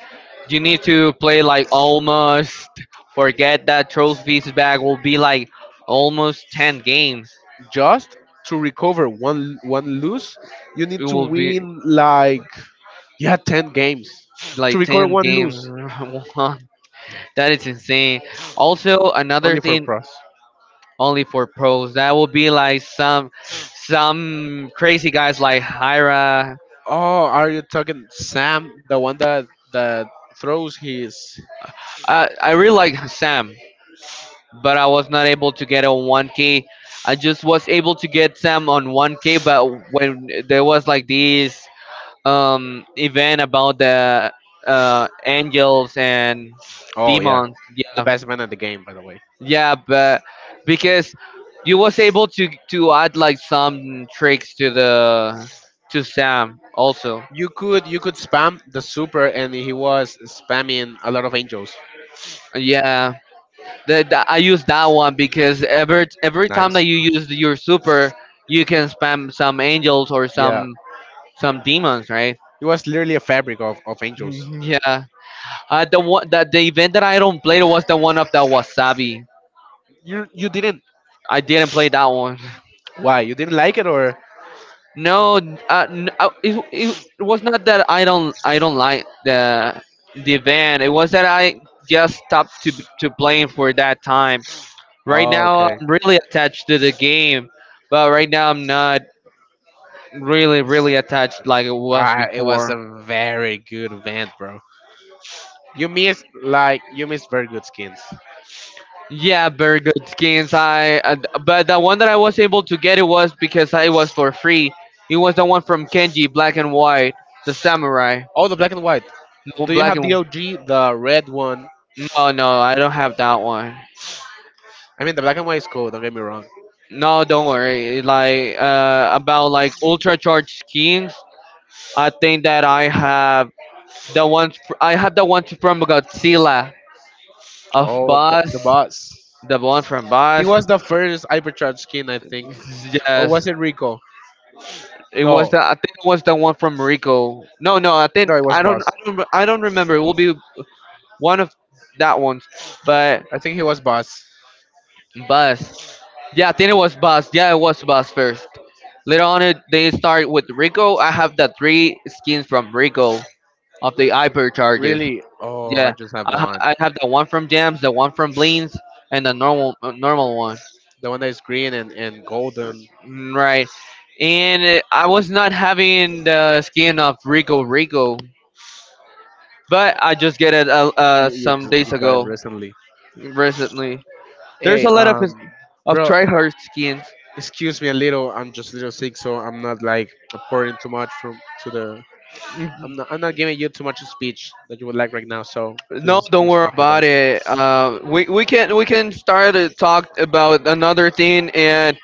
Speaker 2: You need to play like almost forget that trophies back will be like almost 10 games.
Speaker 1: Just to recover one lose, you
Speaker 2: It
Speaker 1: need to
Speaker 2: will be
Speaker 1: win like, yeah, 10 games to
Speaker 2: like
Speaker 1: recover
Speaker 2: 10
Speaker 1: one lose.
Speaker 2: games. *laughs* That is insane. Also another
Speaker 1: Only for
Speaker 2: thing
Speaker 1: pros.
Speaker 2: only for pros. That will be like some crazy guys like Hyra.
Speaker 1: Oh, are you talking Sam, the one that that throws his?
Speaker 2: I really like Sam, but I was not able to get a 1K. I just was able to get Sam on 1K, but when there was like these event about the angels and
Speaker 1: Oh yeah,
Speaker 2: demons,
Speaker 1: the
Speaker 2: yeah,
Speaker 1: best man at the game, by the way.
Speaker 2: yeah, but because you was able to add like some tricks to the to sam also,
Speaker 1: You could spam the super, and he was spamming a lot of angels.
Speaker 2: yeah, I use that one because every time
Speaker 1: Nice.
Speaker 2: that you use your super you can spam some angels or
Speaker 1: Yeah,
Speaker 2: some demons, right?
Speaker 1: it was literally a fabric of angels.
Speaker 2: Mhm, yeah, the one that the event that I don't play was the one of the wasabi.
Speaker 1: You didn't.
Speaker 2: I didn't play that one.
Speaker 1: Why you didn't like it or?
Speaker 2: No, it, it was not that I don't like the event. It was that I just stopped to playing for that time. Right
Speaker 1: Oh,
Speaker 2: now,
Speaker 1: okay.
Speaker 2: I'm really attached to the game, but right now I'm not really really attached like it was
Speaker 1: Ah, it was
Speaker 2: before.
Speaker 1: a very good event, bro. You missed like you missed very good skins.
Speaker 2: Yeah, very good skins. I but the one that I was able to get it was because I was for free. It was the one from Kenji, black and white, the samurai.
Speaker 1: Oh, the black and white.
Speaker 2: No
Speaker 1: Do you
Speaker 2: black
Speaker 1: have the
Speaker 2: and
Speaker 1: OG, the red one?
Speaker 2: no, no, I don't have that one.
Speaker 1: I mean, the black and white is cool. Don't get me wrong.
Speaker 2: No, don't worry. Like about like ultra charged skins, I think that I have the ones I have the ones from Godzilla of
Speaker 1: Oh, the
Speaker 2: Buzz,
Speaker 1: boss.
Speaker 2: the one from
Speaker 1: He
Speaker 2: Buzz.
Speaker 1: was the first hypercharge skin, I think. Or was
Speaker 2: Yes,
Speaker 1: it Rico?
Speaker 2: it was
Speaker 1: No,
Speaker 2: the I think it was the one from Rico. No, no, I think
Speaker 1: no, it was boss.
Speaker 2: I don't, I don't remember. It will be one of that ones, but
Speaker 1: I think he was boss.
Speaker 2: Buzz. Yeah, I think it was Buzz. Yeah, it was Buzz first. Later on, it, they start with Rico. I have the three skins from Rico. Of the Iber charges.
Speaker 1: Really? Oh,
Speaker 2: Yeah,
Speaker 1: I just have one.
Speaker 2: I have the one from Jams, the one from Bleens, and the normal normal one.
Speaker 1: The one that is green and golden.
Speaker 2: Mm, right, and I was not having the skin of Rico, but I just get it
Speaker 1: You,
Speaker 2: some
Speaker 1: just,
Speaker 2: days
Speaker 1: you got it
Speaker 2: ago
Speaker 1: recently.
Speaker 2: recently. There's
Speaker 1: Hey,
Speaker 2: a lot of of
Speaker 1: bro,
Speaker 2: tryhard skins.
Speaker 1: excuse me a little. I'm just a little sick, so I'm not like pouring too much from to the. I'm not giving you too much of speech that you would like right now, so please
Speaker 2: No, don't
Speaker 1: excuse
Speaker 2: worry
Speaker 1: me for that.
Speaker 2: about it. We can start to talk about another thing and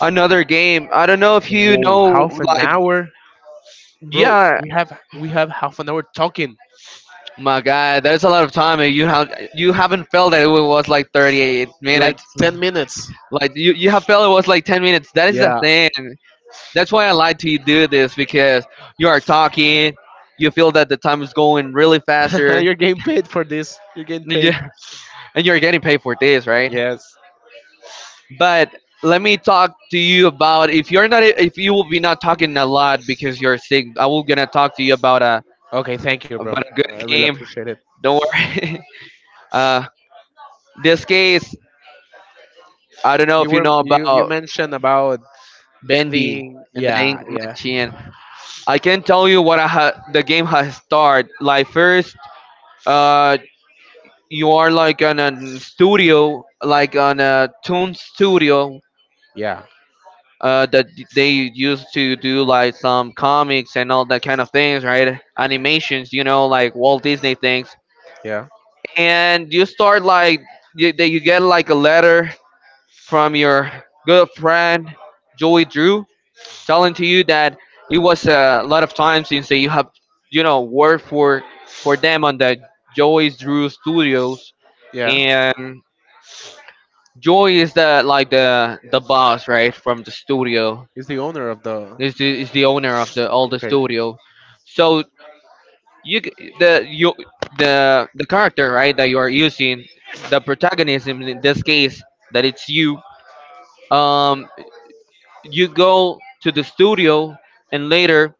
Speaker 2: another game. I don't know if you
Speaker 1: Whoa,
Speaker 2: know,
Speaker 1: half an
Speaker 2: like,
Speaker 1: hour? Bro,
Speaker 2: yeah,
Speaker 1: we have half an hour talking,
Speaker 2: my God, there's a lot of time, and you haven't felt that it was like 38
Speaker 1: like
Speaker 2: minutes.
Speaker 1: 10 minutes.
Speaker 2: Like you have felt it was like 10 minutes. That is the
Speaker 1: Yeah.
Speaker 2: thing. That's why I like to do this because you are talking, you feel that the time is going really
Speaker 1: *laughs*
Speaker 2: faster,
Speaker 1: You're getting paid for this. You're getting
Speaker 2: and
Speaker 1: paid.
Speaker 2: *laughs* and you're getting paid for this, right?
Speaker 1: Yes.
Speaker 2: But let me talk to you about if you're not if you will be not talking a lot because you're sick. I will gonna talk to you
Speaker 1: Okay, thank you, bro.
Speaker 2: about a good
Speaker 1: I really
Speaker 2: game.
Speaker 1: appreciate it.
Speaker 2: Don't worry. *laughs* uh, this case, I don't know
Speaker 1: You
Speaker 2: if you
Speaker 1: were
Speaker 2: know
Speaker 1: you you
Speaker 2: about
Speaker 1: mentioned about
Speaker 2: Bendy
Speaker 1: bending.
Speaker 2: and the
Speaker 1: Yeah,
Speaker 2: Ink
Speaker 1: yeah,
Speaker 2: Machine. I can tell you what the game has started. Like first, uh, you are like on a studio, like on a Toon studio.
Speaker 1: yeah,
Speaker 2: That they used to do like some comics and all that kind of things, right? Animations, you know, like Walt Disney things.
Speaker 1: yeah,
Speaker 2: And you start like that you get like a letter from your good friend Joey Drew, telling to you that it was a lot of time since that you have, you know, worked for them on the Joyce Drew Studios,
Speaker 1: yeah.
Speaker 2: and Joy is the like the boss, right, from the studio.
Speaker 1: He's the owner of the.
Speaker 2: Is the owner of the all the
Speaker 1: Okay.
Speaker 2: studio. So the you the character, right, that you are using the protagonism in this case that it's you. Um, you go to the studio and later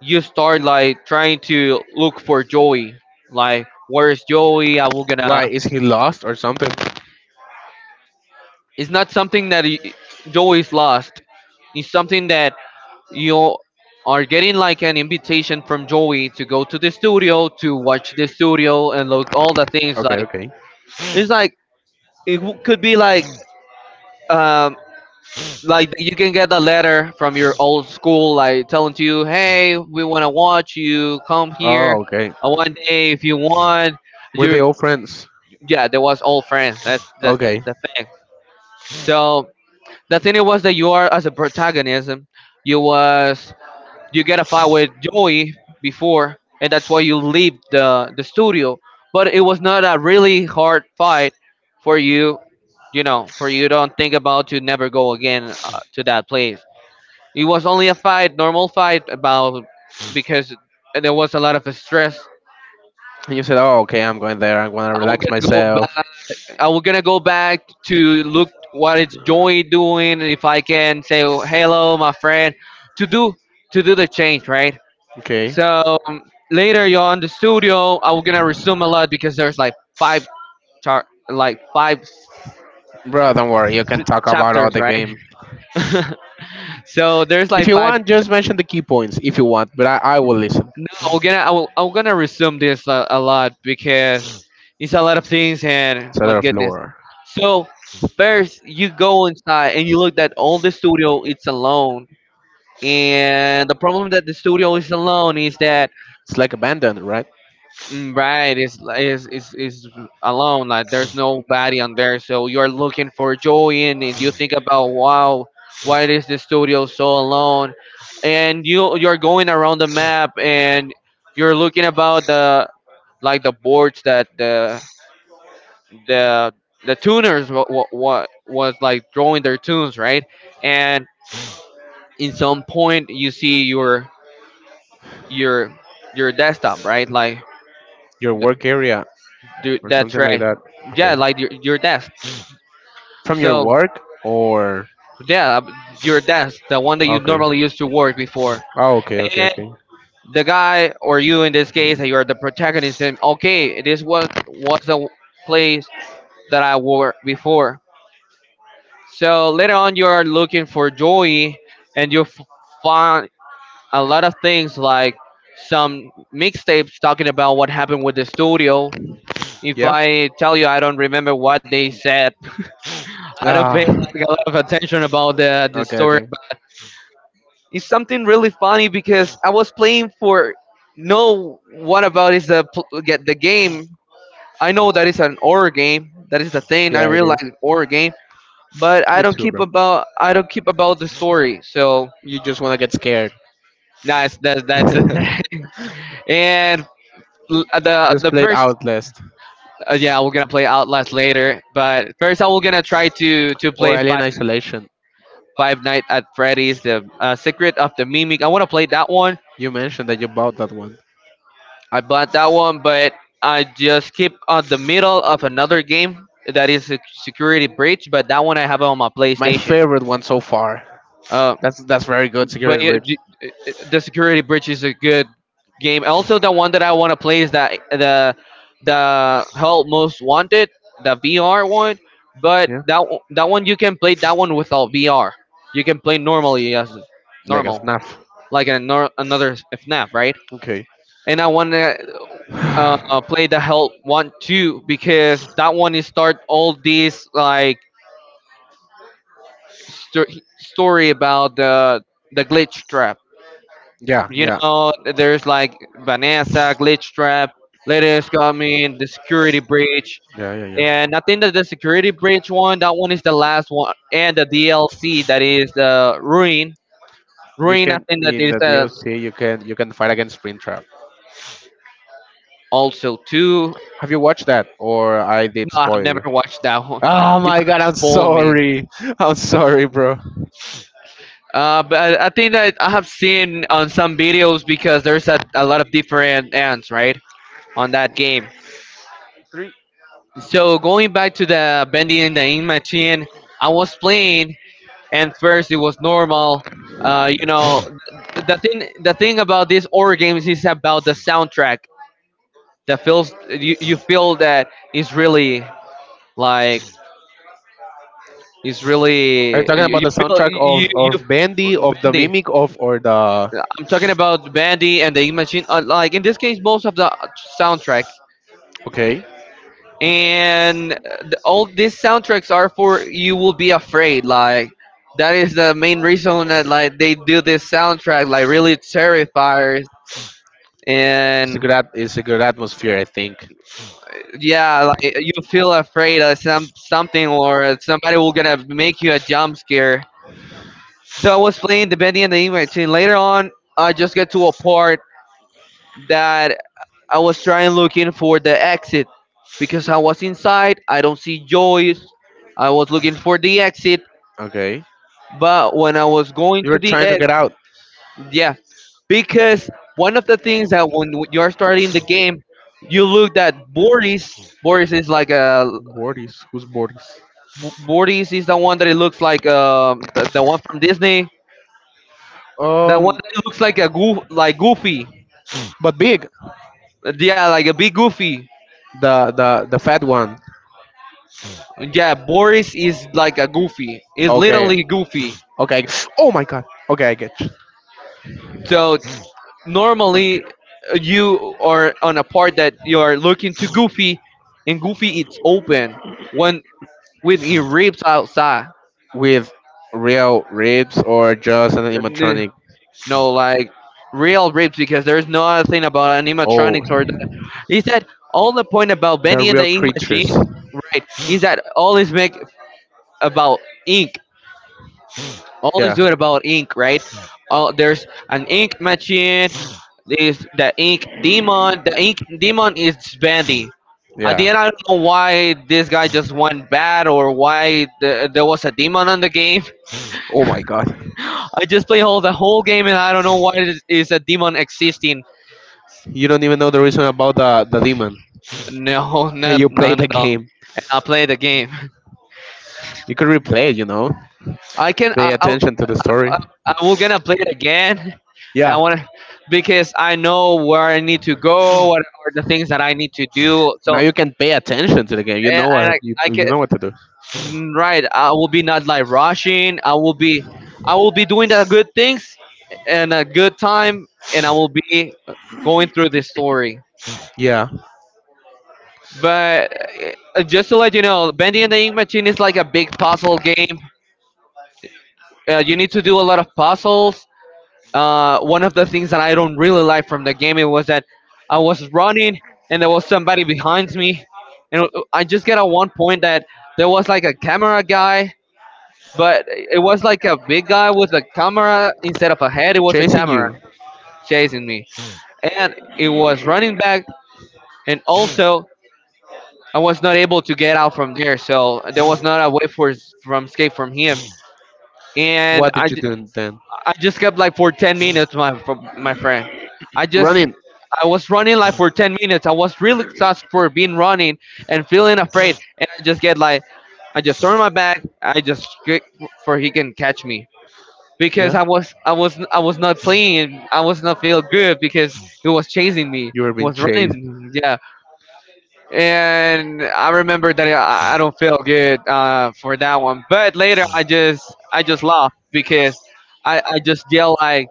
Speaker 2: you start like trying to look for Joey. Like, where is Joey? I will
Speaker 1: Why
Speaker 2: gonna.
Speaker 1: is he lost or something?
Speaker 2: It's not something that Joey's lost. It's something that you are getting like an invitation from Joey to go to the studio to watch the studio and look all the things. Like,
Speaker 1: Okay,
Speaker 2: it's like could be um like you can get a letter from your old school like telling to you,
Speaker 1: okay.
Speaker 2: hey, we wanna watch you. Come here.
Speaker 1: Oh, okay.
Speaker 2: One day if you want
Speaker 1: Were they
Speaker 2: you're
Speaker 1: all friends?
Speaker 2: yeah there was old friends, that's
Speaker 1: Okay.
Speaker 2: the thing. So the thing it was that you are as a protagonism you was you get a fight with Joey before, and that's why you leave the studio, but it was not a really hard fight for you, you know, for you don't think about to never go again to that place. It was only a fight, normal fight about because there was a lot of stress.
Speaker 1: And you said, "Oh, okay, I'm going there. I'm going to
Speaker 2: I will
Speaker 1: relax
Speaker 2: get to go
Speaker 1: myself."
Speaker 2: back. I we're gonna go back to look what is Joey doing, and if I can say hello, my friend, to do to do the change, right?
Speaker 1: Okay.
Speaker 2: So later you're on the studio. I'm gonna resume a lot because there's like five char like five
Speaker 1: Bro, don't worry. You can talk about all
Speaker 2: chapters,
Speaker 1: the
Speaker 2: right?
Speaker 1: game.
Speaker 2: *laughs* So there's
Speaker 1: If
Speaker 2: like
Speaker 1: you
Speaker 2: five.
Speaker 1: want, just mention the key points if you want, but I will listen.
Speaker 2: I'm gonna resume this a lot because
Speaker 1: It's
Speaker 2: it's a lot of things and
Speaker 1: a
Speaker 2: my
Speaker 1: lot of
Speaker 2: goodness.
Speaker 1: lore.
Speaker 2: So first you go inside and you look that all the studio it's alone, and the problem that the studio is alone is that,
Speaker 1: It's like abandoned, right?
Speaker 2: mm, right, is alone like there's nobody on there. So you're looking for Joy in and you think about, wow, why is the studio so alone? And you you're going around the map and you're looking about the like the boards that the the tuners, what was like drawing their tunes, right? And in some point you see your your desktop, right? Like
Speaker 1: Your
Speaker 2: th-
Speaker 1: work area or
Speaker 2: that's
Speaker 1: something like
Speaker 2: right.
Speaker 1: that.
Speaker 2: Yeah,
Speaker 1: Okay.
Speaker 2: like your desk.
Speaker 1: From your
Speaker 2: So
Speaker 1: work or
Speaker 2: yeah, your desk, the one that you
Speaker 1: okay.
Speaker 2: normally used to work before,
Speaker 1: Oh, okay, okay,
Speaker 2: and
Speaker 1: okay.
Speaker 2: the guy or you in this case, you are the protagonist. And okay, this was the place that I wore before. So later on, you are looking for Joey, and find a lot of things like some mixtapes talking about what happened with the studio. If
Speaker 1: Yeah.
Speaker 2: I tell you, I don't remember what they said. *laughs* I don't pay
Speaker 1: Ah.
Speaker 2: like a lot of attention about the
Speaker 1: Okay,
Speaker 2: story.
Speaker 1: okay.
Speaker 2: It's something really funny because I was playing for no what about is the get the game. I know that it's an horror game. That is the thing. I
Speaker 1: Yeah, it
Speaker 2: realize
Speaker 1: is.
Speaker 2: it's horror game, but
Speaker 1: Me too, bro.
Speaker 2: I don't keep about the story. So
Speaker 1: You just wanna get scared.
Speaker 2: that's that's it.
Speaker 1: *laughs*
Speaker 2: *laughs* And the
Speaker 1: Just play it
Speaker 2: first
Speaker 1: Outlast
Speaker 2: yeah we're gonna play Outlast later, but first I will gonna try to
Speaker 1: or
Speaker 2: play
Speaker 1: Alien Isolation.
Speaker 2: Five Nights at Freddy's, The Secret of the Mimic. I want to play that one.
Speaker 1: You mentioned that you bought that one.
Speaker 2: I bought that one, but I just keep on the middle of another game that is a Security Breach, but that one I have on my
Speaker 1: My
Speaker 2: PlayStation.
Speaker 1: favorite one so far.
Speaker 2: Uh,
Speaker 1: That's very good,
Speaker 2: but
Speaker 1: Security
Speaker 2: yeah,
Speaker 1: Rich.
Speaker 2: the Security Breach is a good game. Also, the one that I want to play is that the Hell Most Wanted, the VR one. But
Speaker 1: Yeah.
Speaker 2: that one you can play that one without VR. You can play normally as
Speaker 1: Like a
Speaker 2: normal.
Speaker 1: snap.
Speaker 2: Like an, another FNAF, right?
Speaker 1: Okay.
Speaker 2: And I want to play the Hell one too because that one is start all this like sto- story about the glitch trap.
Speaker 1: Yeah,
Speaker 2: You
Speaker 1: yeah.
Speaker 2: know, there's like Vanessa glitch trap. Letters coming, the security breach,
Speaker 1: Yeah, yeah, yeah.
Speaker 2: and I think that the security breach one, that one is the last one, and the DLC that is the ruin.
Speaker 1: You
Speaker 2: Ruin, I
Speaker 1: can
Speaker 2: think that
Speaker 1: in
Speaker 2: is
Speaker 1: the DLC you can fight against Springtrap.
Speaker 2: also two.
Speaker 1: Have you watched that or I did
Speaker 2: Oh, I've
Speaker 1: spoil
Speaker 2: never
Speaker 1: you?
Speaker 2: watched that one.
Speaker 1: Oh
Speaker 2: You
Speaker 1: my
Speaker 2: have
Speaker 1: god, I'm
Speaker 2: spoiled me.
Speaker 1: sorry. I'm sorry, bro.
Speaker 2: But I think that I have seen on some videos because there's a lot of different ends, right, on that game.
Speaker 1: Three.
Speaker 2: So going back to the bending and the in machine, I was playing, and first it was normal. Uh, you know, the thing the thing about these horror games is about the soundtrack. That feels you, you feel that is really like is
Speaker 1: Are you
Speaker 2: really
Speaker 1: talking
Speaker 2: you,
Speaker 1: about
Speaker 2: you
Speaker 1: the
Speaker 2: feel
Speaker 1: soundtrack
Speaker 2: you you
Speaker 1: of Bandy, of the
Speaker 2: you
Speaker 1: Mimic, of or the?
Speaker 2: Yeah, I'm talking about Bandy and the Imagine. Like in this case, most of the soundtracks
Speaker 1: Okay.
Speaker 2: and all these soundtracks are for you will be afraid. Like that is the main reason that like they do this soundtrack. Like really terrifiers
Speaker 1: It's a
Speaker 2: and
Speaker 1: good at. It's a good atmosphere, I think.
Speaker 2: yeah, like you feel afraid of some something or somebody will gonna make you a jump scare. So I was playing the Bandy and the Imagine. Later on, I just get to a part that I was trying looking for the exit because I was inside. I don't see Joyce. I was looking for the exit,
Speaker 1: Okay.
Speaker 2: but when I was going
Speaker 1: You
Speaker 2: to
Speaker 1: were
Speaker 2: the
Speaker 1: trying to
Speaker 2: exit,
Speaker 1: get out.
Speaker 2: yeah, because one of the things that when you're starting the game, you look at Boris. Boris is like a
Speaker 1: Bordis. Who's Bordis?
Speaker 2: Boris is the one that it looks like the one from Disney. The one
Speaker 1: Um,
Speaker 2: that looks like a goof like Goofy.
Speaker 1: but big.
Speaker 2: Yeah, like a big Goofy.
Speaker 1: The fat one.
Speaker 2: Yeah, Boris is like a Goofy. He's
Speaker 1: Okay.
Speaker 2: literally Goofy.
Speaker 1: Okay. Oh my god. Okay, I get you.
Speaker 2: So
Speaker 1: Okay.
Speaker 2: normally you are on a part that you are looking to Goofy, and Goofy it's open when with your ribs outside.
Speaker 1: With real ribs or just an
Speaker 2: N-
Speaker 1: animatronic?
Speaker 2: No, like real ribs because there's no other thing about
Speaker 1: Oh,
Speaker 2: animatronics or. He said all the point about
Speaker 1: they're
Speaker 2: Bendy and
Speaker 1: real
Speaker 2: the Ink
Speaker 1: creatures.
Speaker 2: Machine, right? Is that all is make about ink, all is
Speaker 1: Yeah.
Speaker 2: doing about ink, right? Oh, there's an ink machine. There's the ink demon. The ink demon is Bandy. At
Speaker 1: Yeah.
Speaker 2: the end, I don't know why this guy just went bad or why there was a demon on the game.
Speaker 1: Oh my god.
Speaker 2: *laughs* I just play all the whole game and I don't know why it is a demon existing. *laughs*
Speaker 1: You don't even know the reason about the demon.
Speaker 2: No,
Speaker 1: And you
Speaker 2: not
Speaker 1: play
Speaker 2: none
Speaker 1: the
Speaker 2: at all.
Speaker 1: game.
Speaker 2: And I play the game.
Speaker 1: You could replay it, you know.
Speaker 2: *laughs* I can.
Speaker 1: Pay
Speaker 2: I
Speaker 1: attention to the story.
Speaker 2: I was gonna play it again. I
Speaker 1: Yeah.
Speaker 2: want to because I know where I need to go, what are the things that I need to do.
Speaker 1: Now
Speaker 2: So
Speaker 1: you can pay attention to the game. You
Speaker 2: and,
Speaker 1: know
Speaker 2: and
Speaker 1: what
Speaker 2: I
Speaker 1: you
Speaker 2: I can
Speaker 1: you know what to do.
Speaker 2: right. I will be not like rushing. I will be doing the good things and a good time, and I will be going through this story.
Speaker 1: Yeah.
Speaker 2: But just to let you know, Bendy and the Ink Machine is like a big puzzle game. You need to do a lot of puzzles. One of the things that I don't really like from the game, it was that I was running and there was somebody behind me, and I just get at one point that there was like a camera guy, but it was like a big guy with a camera instead of a head. It was a
Speaker 1: Chasing
Speaker 2: camera
Speaker 1: you.
Speaker 2: chasing me, and it was running back, and also I was not able to get out from there, so there was not a way for from escape from him. And
Speaker 1: What did
Speaker 2: I,
Speaker 1: you do then?
Speaker 2: I just kept like for 10 minutes, my for my friend. I just
Speaker 1: Running.
Speaker 2: I was running like for 10 minutes. I was really exhausted for being running and feeling afraid, and I just
Speaker 1: *clears throat*
Speaker 2: get like I just turned my back. I just get for he can catch me because I was not playing. I was not feel good because he was chasing me. He
Speaker 1: You were being
Speaker 2: was
Speaker 1: chased. *laughs*
Speaker 2: running. Yeah, and I remember that I don't feel good for that one. But later I just laughed because I just yelled like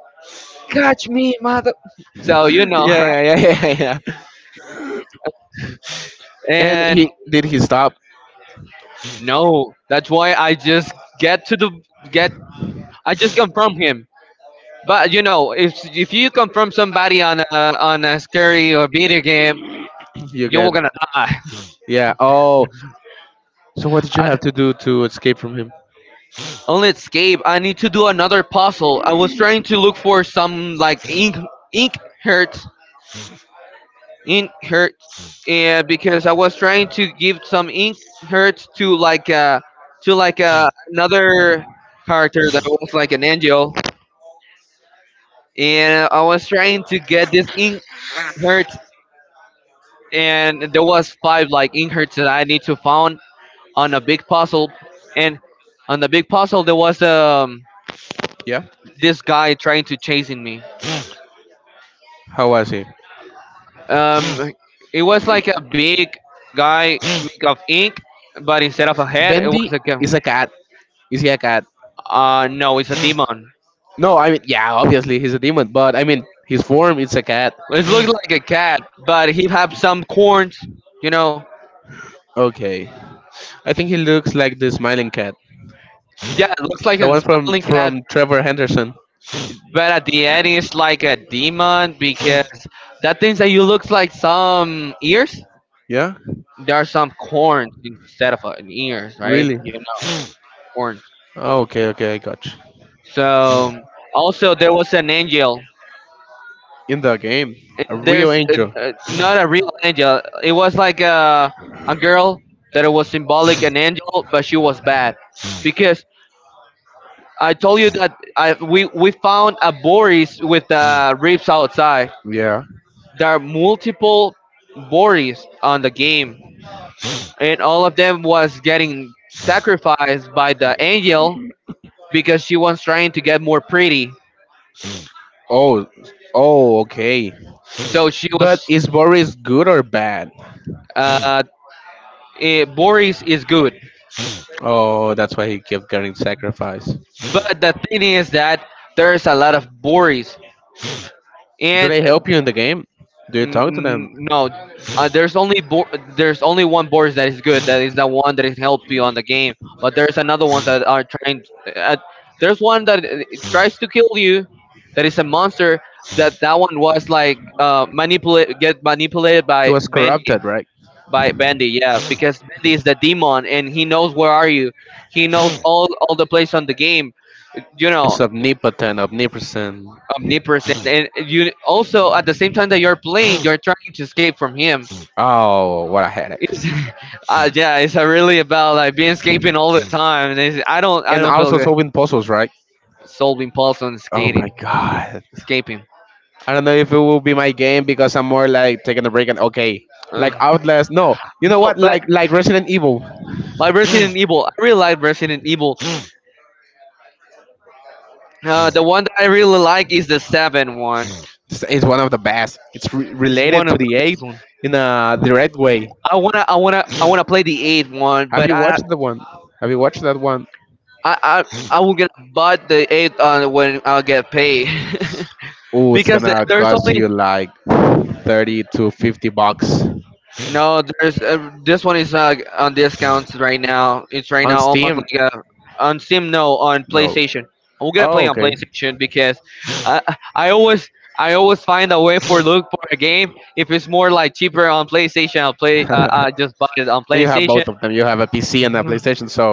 Speaker 2: catch me, mother. So you
Speaker 1: *laughs* Yeah,
Speaker 2: know, *laughs* right?
Speaker 1: yeah, yeah, yeah, yeah.
Speaker 2: And
Speaker 1: Did he stop?
Speaker 2: no, that's why I just get to the get. I just confirm him. But you know, if you confirm somebody on on a scary or video game, you're gonna
Speaker 1: *clears throat*
Speaker 2: die.
Speaker 1: Yeah. Oh, so what did
Speaker 2: *laughs*
Speaker 1: you
Speaker 2: I,
Speaker 1: have to do to escape from him?
Speaker 2: only escape. I need to do another puzzle. I was trying to look for some like ink hurt in hurt and because I was trying to give some in hurt to to like another character that was like an angel and I was trying to get this in hurt and there was five like in hurts that I need to found on a big puzzle and on the big puzzle there was
Speaker 1: Yeah.
Speaker 2: this guy trying to chasing me.
Speaker 1: How was he?
Speaker 2: um it was like a big guy made of ink, but instead of a
Speaker 1: *gasps*
Speaker 2: head it was
Speaker 1: Bendy
Speaker 2: like a
Speaker 1: is
Speaker 2: gun.
Speaker 1: a cat. Is he a cat?
Speaker 2: No, it's a demon.
Speaker 1: No, I mean, yeah, obviously he's a demon, but I mean, his form it's a cat.
Speaker 2: It looks like a cat, but he have some corns. You know.
Speaker 1: Okay, I think he looks like the smiling cat,
Speaker 2: Yeah, it looks like
Speaker 1: the
Speaker 2: a
Speaker 1: one
Speaker 2: smiling cat,
Speaker 1: from Trevor Henderson.
Speaker 2: but at the end it's like a demon because that thing that you looks like some ears.
Speaker 1: Yeah,
Speaker 2: There are some corns instead of an ears, right?
Speaker 1: really.
Speaker 2: You know, corns.
Speaker 1: Oh, okay, okay, I got you.
Speaker 2: So also there was an angel.
Speaker 1: In the game, a real
Speaker 2: There's
Speaker 1: angel.
Speaker 2: not a real angel. It was like a girl that it was symbolic an angel, but she was bad because I told you that I we found a Boris with the ribs outside.
Speaker 1: Yeah.
Speaker 2: There are multiple Boris on the game, and all of them was getting sacrificed by the angel because she was trying to get more pretty.
Speaker 1: Oh, oh, okay.
Speaker 2: So she was.
Speaker 1: But is Boris good or bad?
Speaker 2: Uh, Boris is good,
Speaker 1: Oh, that's why he kept getting sacrificed.
Speaker 2: but the thing is that there's a lot of Boris,
Speaker 1: Do
Speaker 2: and
Speaker 1: they help you in the game? Do you talk to them?
Speaker 2: No, there's only there's only one board that is good. That is the one that is help you on the game. But there's another ones that are trying. Uh, there's one that it tries to kill you. That is a monster. That one was like manipulate get manipulated
Speaker 1: He
Speaker 2: by
Speaker 1: was
Speaker 2: Bandy
Speaker 1: corrupted, right?
Speaker 2: by Bandy. Yeah, because Bandy is the demon and he knows where are you. He knows all the place on the game. You know,
Speaker 1: He's omnipotent, omnipresent.
Speaker 2: omnipresent. And you also at the same time that you're playing, you're trying to escape from him.
Speaker 1: Oh, what a headache.
Speaker 2: It's, *laughs*
Speaker 1: Hmm.
Speaker 2: yeah, it's really about like being escaping all the time. And it's, I
Speaker 1: And
Speaker 2: don't feel
Speaker 1: also
Speaker 2: good
Speaker 1: solving puzzles, right?
Speaker 2: solving puzzles on
Speaker 1: Oh my
Speaker 2: skating,
Speaker 1: god.
Speaker 2: escaping.
Speaker 1: I don't know if it will be my game because I'm more like taking a break and okay,
Speaker 2: Uh,
Speaker 1: like Outlast. No, you know
Speaker 2: no,
Speaker 1: what?
Speaker 2: but
Speaker 1: Like Resident Evil
Speaker 2: like Resident Evil, I really like Resident Evil. The one that I really like is the 7 one.
Speaker 1: is one of the best. It's re-
Speaker 2: It's one
Speaker 1: related to
Speaker 2: of
Speaker 1: the
Speaker 2: the
Speaker 1: eight
Speaker 2: best ones.
Speaker 1: in a direct way.
Speaker 2: I wanna play the 8 one,
Speaker 1: Have
Speaker 2: but
Speaker 1: you watched the one? Have you watched that one?
Speaker 2: I, I, I will get butt the eight when I get paid. *laughs*
Speaker 1: Oh, it's gonna
Speaker 2: There's
Speaker 1: cost
Speaker 2: only
Speaker 1: you like 30 to 50 bucks
Speaker 2: no, there's this one is not on discounts right now. It's right
Speaker 1: on
Speaker 2: now almost
Speaker 1: Steam.
Speaker 2: like a on Steam. No, on
Speaker 1: No.
Speaker 2: PlayStation. I'm gonna
Speaker 1: Oh,
Speaker 2: play on
Speaker 1: okay.
Speaker 2: PlayStation because I I always find a way for look for a game. If it's more like cheaper on PlayStation, I'll
Speaker 1: *laughs*
Speaker 2: play. I just buy it on
Speaker 1: And you have
Speaker 2: PlayStation.
Speaker 1: both of them. You have a PC and a PlayStation, so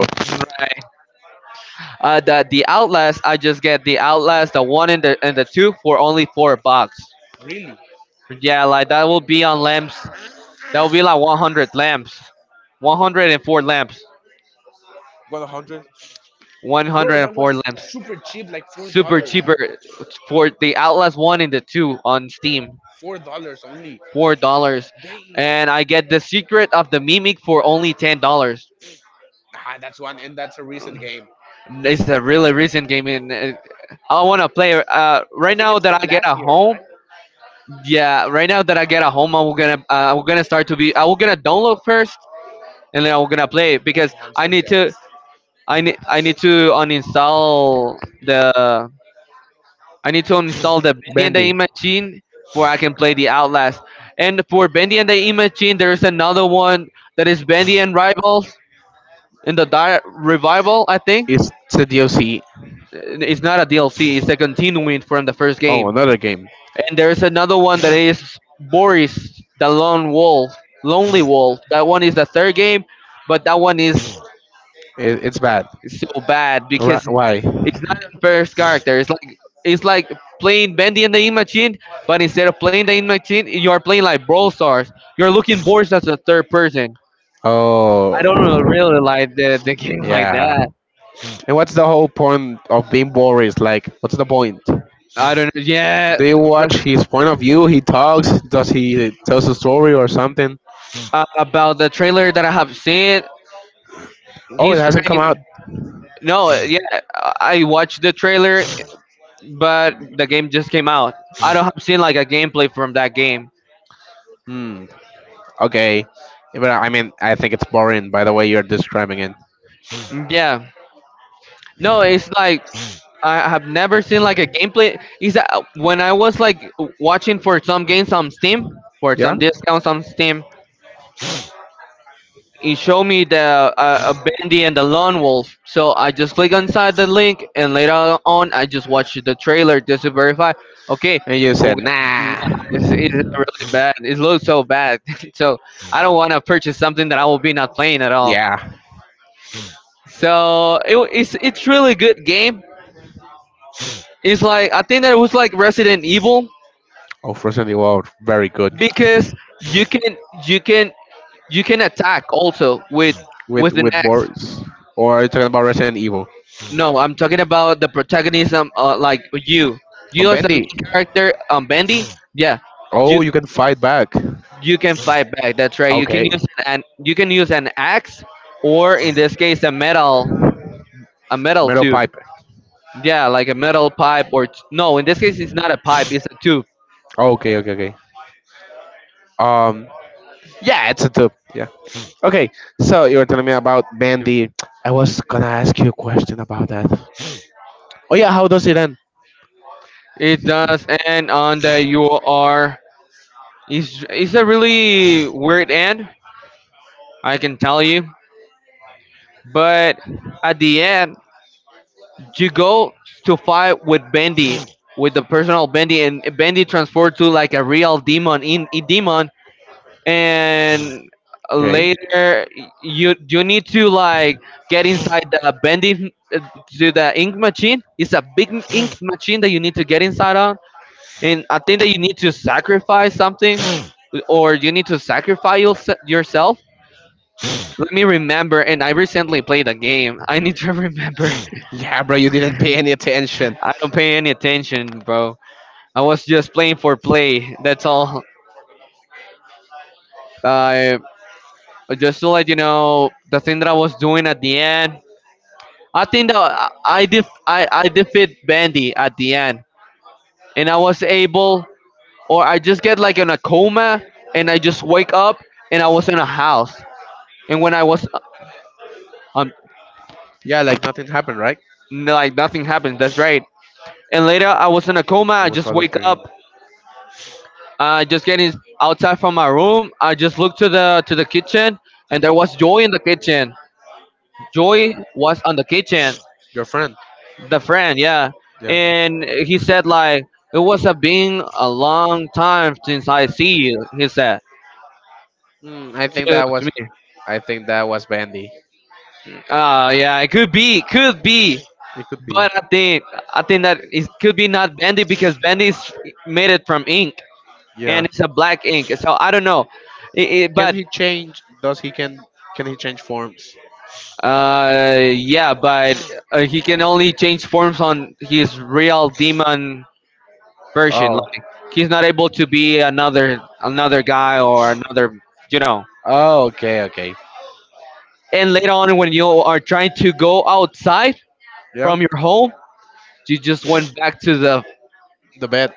Speaker 2: The Outlast, I just get the Outlast, the one and the two for only 4 bucks.
Speaker 1: really?
Speaker 2: Yeah, like that will be on lamps. That will be like 100 lamps, 104 lamps.
Speaker 1: Got 100? Bro, that
Speaker 2: 104
Speaker 1: was
Speaker 2: lamps.
Speaker 1: super cheap, like four
Speaker 2: Super
Speaker 1: dollars.
Speaker 2: cheaper for the Outlast 1 and the 2 on Steam.
Speaker 1: $4 only.
Speaker 2: $4.
Speaker 1: Damn.
Speaker 2: And I get The Secret of the Mimic for only $10.
Speaker 1: Ah, that's one, and that's a recent game.
Speaker 2: It's a really recent game and I want to play
Speaker 1: I
Speaker 2: right
Speaker 1: think
Speaker 2: now
Speaker 1: it's
Speaker 2: that
Speaker 1: from
Speaker 2: I get
Speaker 1: last
Speaker 2: a
Speaker 1: year,
Speaker 2: home.
Speaker 1: right?
Speaker 2: Yeah, right now that I get a home, I'm going to start to be I'm going to download first and then I'm going to play it because
Speaker 1: Oh, I'm so jealous.
Speaker 2: I need to uninstall the I need to install the
Speaker 1: *clears throat* *sniffs*
Speaker 2: Bendy and the
Speaker 1: Bendy.
Speaker 2: Imagine for I can play the Outlast. And for Bendy and the Imagine, there is another one that is Bendy and Rivals Revival, I think.
Speaker 1: It's the DLC?
Speaker 2: It's not a DLC, it's a
Speaker 1: *clears throat*
Speaker 2: continuing from the first
Speaker 1: Oh,
Speaker 2: game.
Speaker 1: another game.
Speaker 2: And there is another one that is Boris, the Lone Wolf, Lonely Wolf. That one is the third game, but that one is
Speaker 1: It, it's bad.
Speaker 2: so bad
Speaker 1: Ri-
Speaker 2: because
Speaker 1: Why?
Speaker 2: it's not the first character. It's like playing Bendy and the Ink Machine, but instead of playing the Ink Machine, you are playing like Brawl Stars. You're looking bored as a third person.
Speaker 1: Oh,
Speaker 2: I don't know, really like the *laughs* game like
Speaker 1: yeah.
Speaker 2: that.
Speaker 1: And what's the whole point of being Boris? Like, what's the point? Do
Speaker 2: I don't know. Yeah,
Speaker 1: you
Speaker 2: but,
Speaker 1: watch his point of view? He talks. Does he tells a story or something?
Speaker 2: about the trailer that I have seen,
Speaker 1: Oh, it
Speaker 2: he's
Speaker 1: hasn't come out.
Speaker 2: trying. No, yeah, I watched the trailer, but the game just came out. I don't have seen like a gameplay from that game.
Speaker 1: Hmm. Okay. But I mean, I think it's boring by the way you're describing it.
Speaker 2: Yeah, no, it's like I have never seen like a gameplay. Is that when I was like watching for some games on Steam, for
Speaker 1: Yeah.
Speaker 2: some discounts on Steam, it showed me the Bendy and the Lone Wolf. So I just click inside the link, and later on, I just watched the trailer just to verify. Okay,
Speaker 1: And you
Speaker 2: I'm
Speaker 1: said,
Speaker 2: gonna, it's,
Speaker 1: nah.
Speaker 2: it's really bad. It looks so bad. *laughs* So I don't want to purchase something that I will be not playing at all.
Speaker 1: Yeah.
Speaker 2: So it, it's really good game. It's like I think that it was like Resident Evil
Speaker 1: Oh, Frozen the Wild, very good.
Speaker 2: because you can you can you can attack also with the
Speaker 1: With
Speaker 2: next.
Speaker 1: Boris, or are you talking about Resident Evil?
Speaker 2: No, I'm talking about the protagonism like you
Speaker 1: On
Speaker 2: you as the
Speaker 1: Bendy.
Speaker 2: main character bendy, yeah. you
Speaker 1: Oh, you can fight back.
Speaker 2: you can fight back, that's right. You can
Speaker 1: Okay,
Speaker 2: use an axe, or in this case a metal
Speaker 1: metal
Speaker 2: tube.
Speaker 1: pipe.
Speaker 2: Yeah, like a metal pipe or no, in this case it's not a pipe, it's a tube.
Speaker 1: Okay, okay, okay. Um, yeah, it's a tube. Yeah. Okay, so you were telling me about Bandy. I was gonna ask you a question about that. Oh yeah, how does it end?
Speaker 2: It does end on that you are it's a really weird end, I can tell you. But at the end, you go to fight with Bendy, with the personal Bendy, and Bendy transformed to like a real demon in a demon. And
Speaker 1: Okay.
Speaker 2: later, you need to like get inside the Bendy to the ink machine. It's a big ink machine that you need to get inside on. And I think that you need to sacrifice something, or you need to sacrifice yourself. Let me remember. And I recently played a game. I need to remember. *laughs*
Speaker 1: Yeah, bro, you didn't pay any attention.
Speaker 2: I don't pay any attention, bro. I was just playing for play. That's all. I just to let you know the thing that I was doing at the end. I think that I defeat Bandy at the end, and I was able, or I just get like in a coma, and I just wake up, and I was in a house, and when I was
Speaker 1: Was
Speaker 2: um
Speaker 1: yeah, like nothing happened, right? Like
Speaker 2: like nothing happened. That's right. And later I was in a coma. I just
Speaker 1: all a
Speaker 2: wake
Speaker 1: dream.
Speaker 2: up. Just getting outside from my room, I just looked to the kitchen, and there was Joy in the kitchen. Joy was on the kitchen,
Speaker 1: Your friend. The
Speaker 2: the friend, yeah. And he said like it was a been a long time since I see you. He said
Speaker 1: mm, I think
Speaker 2: to,
Speaker 1: that
Speaker 2: to
Speaker 1: was.
Speaker 2: me.
Speaker 1: I think that was Bandy.
Speaker 2: Yeah, it could be,
Speaker 1: It could.
Speaker 2: but I think that it could be not Bendy because Bendy's made it from ink
Speaker 1: Yeah.
Speaker 2: and it's a black ink. So I don't know, it, it,
Speaker 1: Can
Speaker 2: but
Speaker 1: he change? Does he can? Can he change forms?
Speaker 2: Yeah, but he can only change forms on his real demon version.
Speaker 1: Oh.
Speaker 2: Like he's not able to be another guy or another, you know.
Speaker 1: Oh. Okay. Okay.
Speaker 2: And later on, when you are trying to go outside
Speaker 1: Yeah.
Speaker 2: from your home, you just went back to the
Speaker 1: The bed.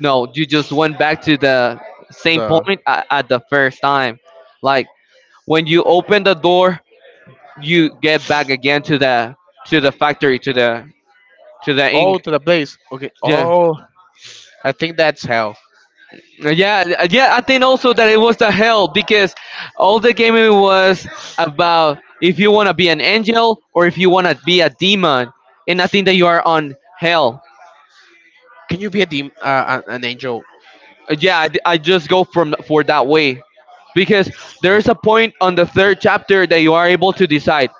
Speaker 2: no, you just went back to the same point at the first time. Like when
Speaker 1: The
Speaker 2: you open the door, you get back again to the factory to the
Speaker 1: oh,
Speaker 2: ink.
Speaker 1: to the place. Okay.
Speaker 2: Yeah.
Speaker 1: Oh, I think that's hell.
Speaker 2: Yeah, I think also that it was the hell because all the game was about if you want to be an angel or if you want to be a demon, and I think that you are on hell.
Speaker 1: Can you be a dem- an angel?
Speaker 2: I just go from for that way because there is a point on the third chapter that you are able to decide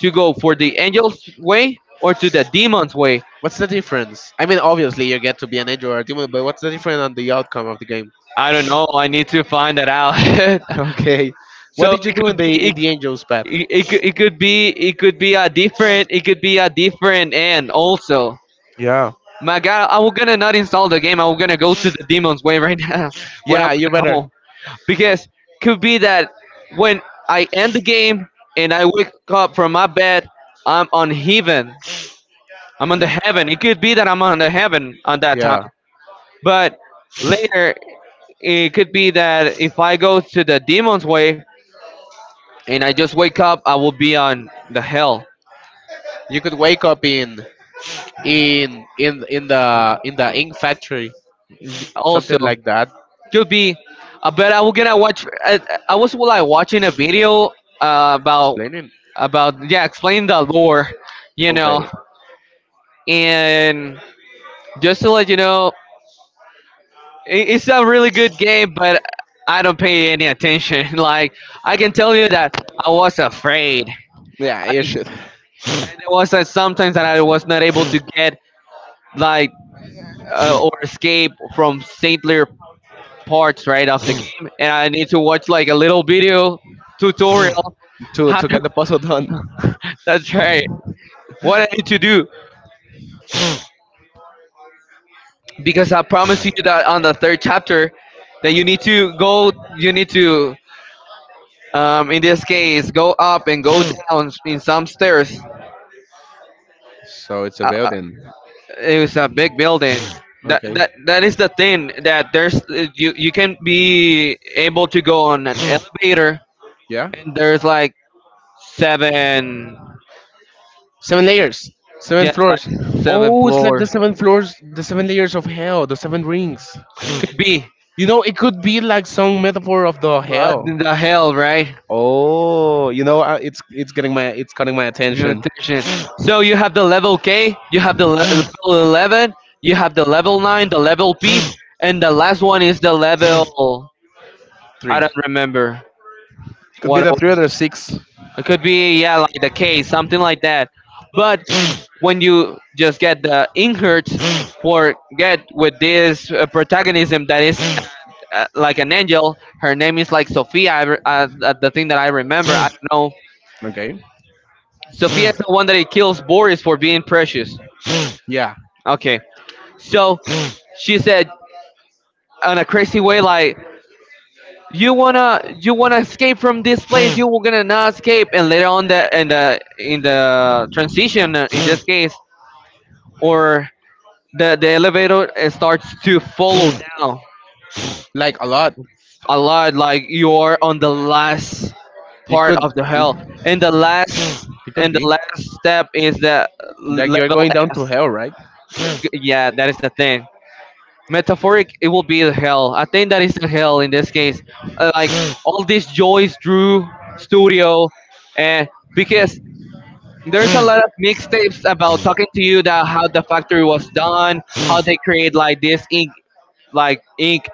Speaker 2: to go for the angel's way or to the demon's way.
Speaker 1: What's the difference? I mean, obviously you get to be an angel or a demon, but what's the difference on the outcome of the game?
Speaker 2: I don't know. I need to find that out. *laughs*
Speaker 1: *laughs* Okay. What
Speaker 2: So
Speaker 1: did you
Speaker 2: it
Speaker 1: do
Speaker 2: could
Speaker 1: in
Speaker 2: be
Speaker 1: the angels path?
Speaker 2: It, it could be a different it could be a different end also.
Speaker 1: Yeah.
Speaker 2: My God, I'm gonna not install the game. I'm gonna go to the demon's way right *laughs* now when I'm
Speaker 1: Yeah, you
Speaker 2: gonna
Speaker 1: better.
Speaker 2: home because could be that when I end the game and I wake up from my bed, I'm on heaven. I'm on the
Speaker 1: You-
Speaker 2: heaven. It could be that I'm on the heaven on that time,
Speaker 1: yeah.
Speaker 2: but later it could be that if I go to the demon's way and I just wake up, I will be on the hell
Speaker 1: You could wake up in in the in the ink factory.
Speaker 2: also.
Speaker 1: Something like that.
Speaker 2: Could be. But I was well, like watching a video uh, about
Speaker 1: Explaining.
Speaker 2: about yeah explain the lore, you know.
Speaker 1: Okay.
Speaker 2: And just to let you know, it's a really good game, but I don't pay any attention *laughs* like I can tell you that I was afraid.
Speaker 1: Yeah, you
Speaker 2: I
Speaker 1: should.
Speaker 2: was sometimes that I was not able to get like or escape from saintlier parts right of the game, and I need to watch like a little video tutorial.
Speaker 1: To get the puzzle done.
Speaker 2: That's right. What I need to do, because I promise you that on the third chapter, that you need to go, you need to, in this case, go up and go down in some stairs.
Speaker 1: So it's a
Speaker 2: Uh, uh,
Speaker 1: building.
Speaker 2: it was a big building. That
Speaker 1: Okay.
Speaker 2: that that is the thing that there's you you can be able to go on an elevator.
Speaker 1: Yeah.
Speaker 2: And there's like seven,
Speaker 1: Seven layers, seven
Speaker 2: yeah, like
Speaker 1: floors.
Speaker 2: seven
Speaker 1: Oh, it's like the
Speaker 2: floors.
Speaker 1: seven floors, the seven layers of hell, the seven rings.
Speaker 2: Could be
Speaker 1: You know, it could be like some metaphor of the
Speaker 2: what
Speaker 1: hell.
Speaker 2: in the hell, right?
Speaker 1: Oh, you know, it's getting my it's cutting my attention.
Speaker 2: Nutrition. So you have the level K, you have the level 11, you have the level 9, the level P, and the last one is the level. I
Speaker 1: Three.
Speaker 2: don't remember
Speaker 1: Could be
Speaker 2: what it
Speaker 1: the three or
Speaker 2: was.
Speaker 1: the six.
Speaker 2: It could be, yeah, like the K, something like that. But when you just get the inherits or get with this protagonism that is like an angel, her name is like Sophia, the thing that I remember, I don't know.
Speaker 1: Okay.
Speaker 2: Sophia is the one that he kills Boris for being precious.
Speaker 1: Yeah,
Speaker 2: Okay. So she said on a crazy way, like, you wanna escape from this place? You were gonna not escape." And later on, the in the transition, in this case, or the elevator starts to follow down
Speaker 1: like a lot.
Speaker 2: a lot, like you are on the last
Speaker 1: It
Speaker 2: part
Speaker 1: could.
Speaker 2: of the hell,
Speaker 1: *clears throat*
Speaker 2: and the last
Speaker 1: It could
Speaker 2: and the
Speaker 1: be.
Speaker 2: last step is the
Speaker 1: Like you're
Speaker 2: level
Speaker 1: going down
Speaker 2: F.
Speaker 1: to hell, right?
Speaker 2: Yeah, that is the thing. Metaphoric it will be the hell, I think that is the hell in this case. Like all these joys drew studio, and because there's a lot of mixtapes about talking to you that how the factory was done, how they create like this ink like ink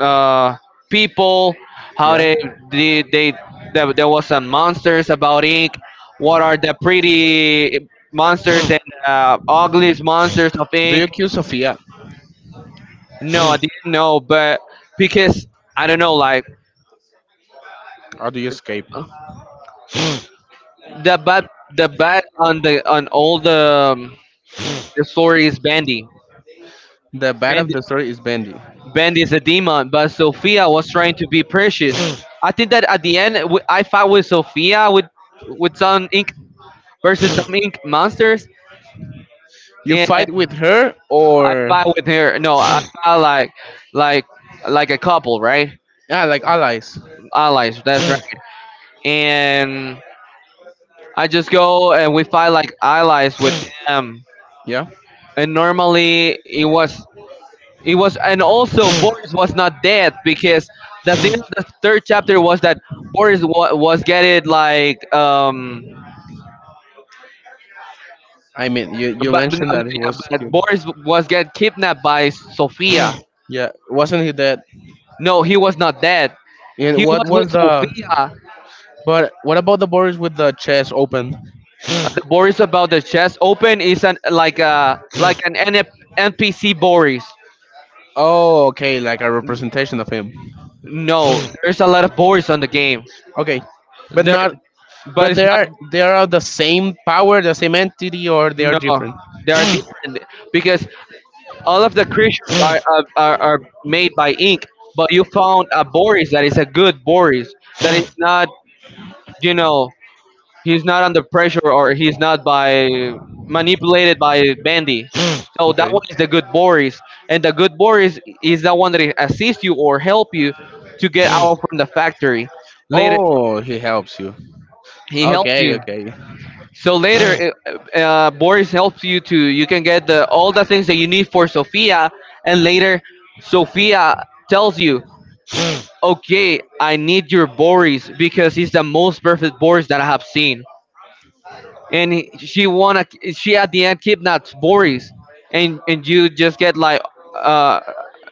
Speaker 2: uh people, how
Speaker 1: Yeah.
Speaker 2: they they, they there was some monsters about ink what are the pretty monsters and ugliest monsters of
Speaker 1: Do
Speaker 2: ink.
Speaker 1: you kill Sophia
Speaker 2: No, I didn't know, but because I don't know, like
Speaker 1: or do you escape?
Speaker 2: the bad, the bad on the on all the story is Bandy.
Speaker 1: The bad of
Speaker 2: Bandy,
Speaker 1: the story is Bendy.
Speaker 2: Bandy is a demon, but Sophia was trying to be precious. I think that at the end, I fought
Speaker 1: *clears throat*
Speaker 2: with Sophia with some ink versus some ink monsters,
Speaker 1: You
Speaker 2: and
Speaker 1: fight with her
Speaker 2: I
Speaker 1: or
Speaker 2: fought with her. No, I fought like like like a couple,
Speaker 1: right?
Speaker 2: right?
Speaker 1: Yeah, like allies.
Speaker 2: Allies, that's right.
Speaker 1: *clears throat*
Speaker 2: And I just go and we fight like allies with them,
Speaker 1: Yeah.
Speaker 2: and normally it was it was. And also Boris was not dead because the thing the third chapter was that was getting like
Speaker 1: I mean, you you
Speaker 2: but, no,
Speaker 1: mentioned
Speaker 2: no,
Speaker 1: that he
Speaker 2: yeah,
Speaker 1: was
Speaker 2: but
Speaker 1: cute.
Speaker 2: Boris was get kidnapped by Sophia.
Speaker 1: Like *clears throat* yeah, wasn't he dead?
Speaker 2: No, he was not dead.
Speaker 1: And
Speaker 2: He
Speaker 1: what
Speaker 2: was
Speaker 1: was
Speaker 2: with
Speaker 1: the?
Speaker 2: Sophia.
Speaker 1: But what about the Boris with the chest open?
Speaker 2: The Boris about the chest open is an like a like an NF npc Boris.
Speaker 1: Oh, okay, like a representation of him.
Speaker 2: No, there's a lot of Boris on the game
Speaker 1: Okay, but
Speaker 2: there.
Speaker 1: not
Speaker 2: But
Speaker 1: but
Speaker 2: it's not.
Speaker 1: they are the same power, the same entity, or they are
Speaker 2: No,
Speaker 1: different.
Speaker 2: they are different because all of the creatures are, are made by ink, but you found a Boris that is a good Boris, that is not, you know, he's not under pressure or he's not by manipulated by Bandy. So that
Speaker 1: Okay.
Speaker 2: one is the good Boris, and the good Boris is the one that assists you or help you to get out from the factory. Later,
Speaker 1: Oh, he helps you.
Speaker 2: he helps
Speaker 1: Okay,
Speaker 2: you.
Speaker 1: okay.
Speaker 2: So later, Boris helps you to you can get the all the things that you need for Sophia, and later Sophia tells you, "Okay, I need your Boris because he's the most perfect Boris that I have seen." And she wanna she at the end kidnaps Boris, and you just get like uh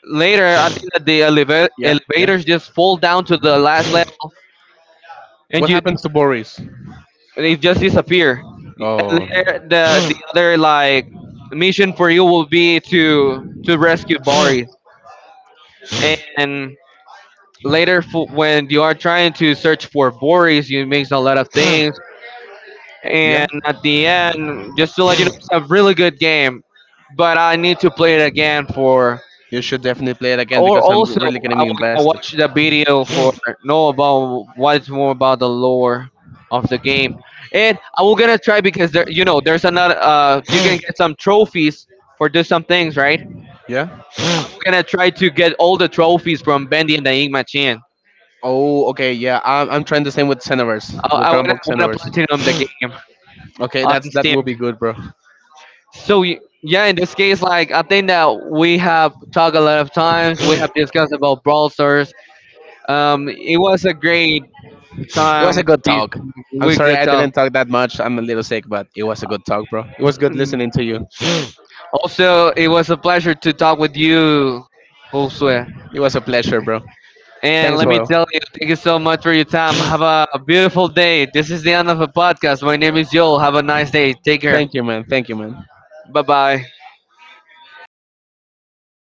Speaker 2: later I think that the
Speaker 1: Yeah, yeah.
Speaker 2: elevators just fall down to the last level, and
Speaker 1: What
Speaker 2: you
Speaker 1: happens to Boris?
Speaker 2: they just disappear. And
Speaker 1: Oh.
Speaker 2: the other like mission for you will be to rescue Boris. And later, when you are trying to search for Boris, you mix a lot of things.
Speaker 1: Yeah.
Speaker 2: And at the end, just to let you know, it's a really good game. But I need to play it again for.
Speaker 1: You should definitely play it again
Speaker 2: Or
Speaker 1: because I'm
Speaker 2: also,
Speaker 1: really
Speaker 2: I
Speaker 1: getting
Speaker 2: will to
Speaker 1: invested.
Speaker 2: watch the video for
Speaker 1: *sighs*
Speaker 2: know about what is more about the lore of the game, and I will gonna try because there, you know, there's another. You can get some trophies for do some things, right?
Speaker 1: Yeah.
Speaker 2: I'm gonna try to get all the trophies from Bendy and the Ink Machine.
Speaker 1: Oh, okay, yeah. I'm trying the same with
Speaker 2: I,
Speaker 1: Xenoverse, with
Speaker 2: I wanna
Speaker 1: Rambo
Speaker 2: wanna
Speaker 1: Xenoverse.
Speaker 2: platinum the
Speaker 1: *sighs*
Speaker 2: game
Speaker 1: Okay,
Speaker 2: on
Speaker 1: that's that
Speaker 2: Steam.
Speaker 1: will be good, bro.
Speaker 2: So yeah, in this case, like I think that we have talked a lot of times. We have discussed about Brawl Stars. It was a great
Speaker 1: It was
Speaker 2: time
Speaker 1: a good
Speaker 2: being
Speaker 1: talk. I'm
Speaker 2: with
Speaker 1: sorry
Speaker 2: wicked
Speaker 1: I
Speaker 2: talk.
Speaker 1: didn't talk that much. I'm a little sick, but it was a good talk, bro. It was good
Speaker 2: Mm.
Speaker 1: listening to you.
Speaker 2: Also, it was a pleasure to talk with you, Josue.
Speaker 1: It was a pleasure, bro.
Speaker 2: And
Speaker 1: Thanks,
Speaker 2: let me
Speaker 1: Hoyle.
Speaker 2: tell you, thank you so much for your time. Have a beautiful day. This is the end of the podcast. My name is Joel. Have a nice day. Take care.
Speaker 1: Thank you, man. Thank you, man.
Speaker 2: Bye bye.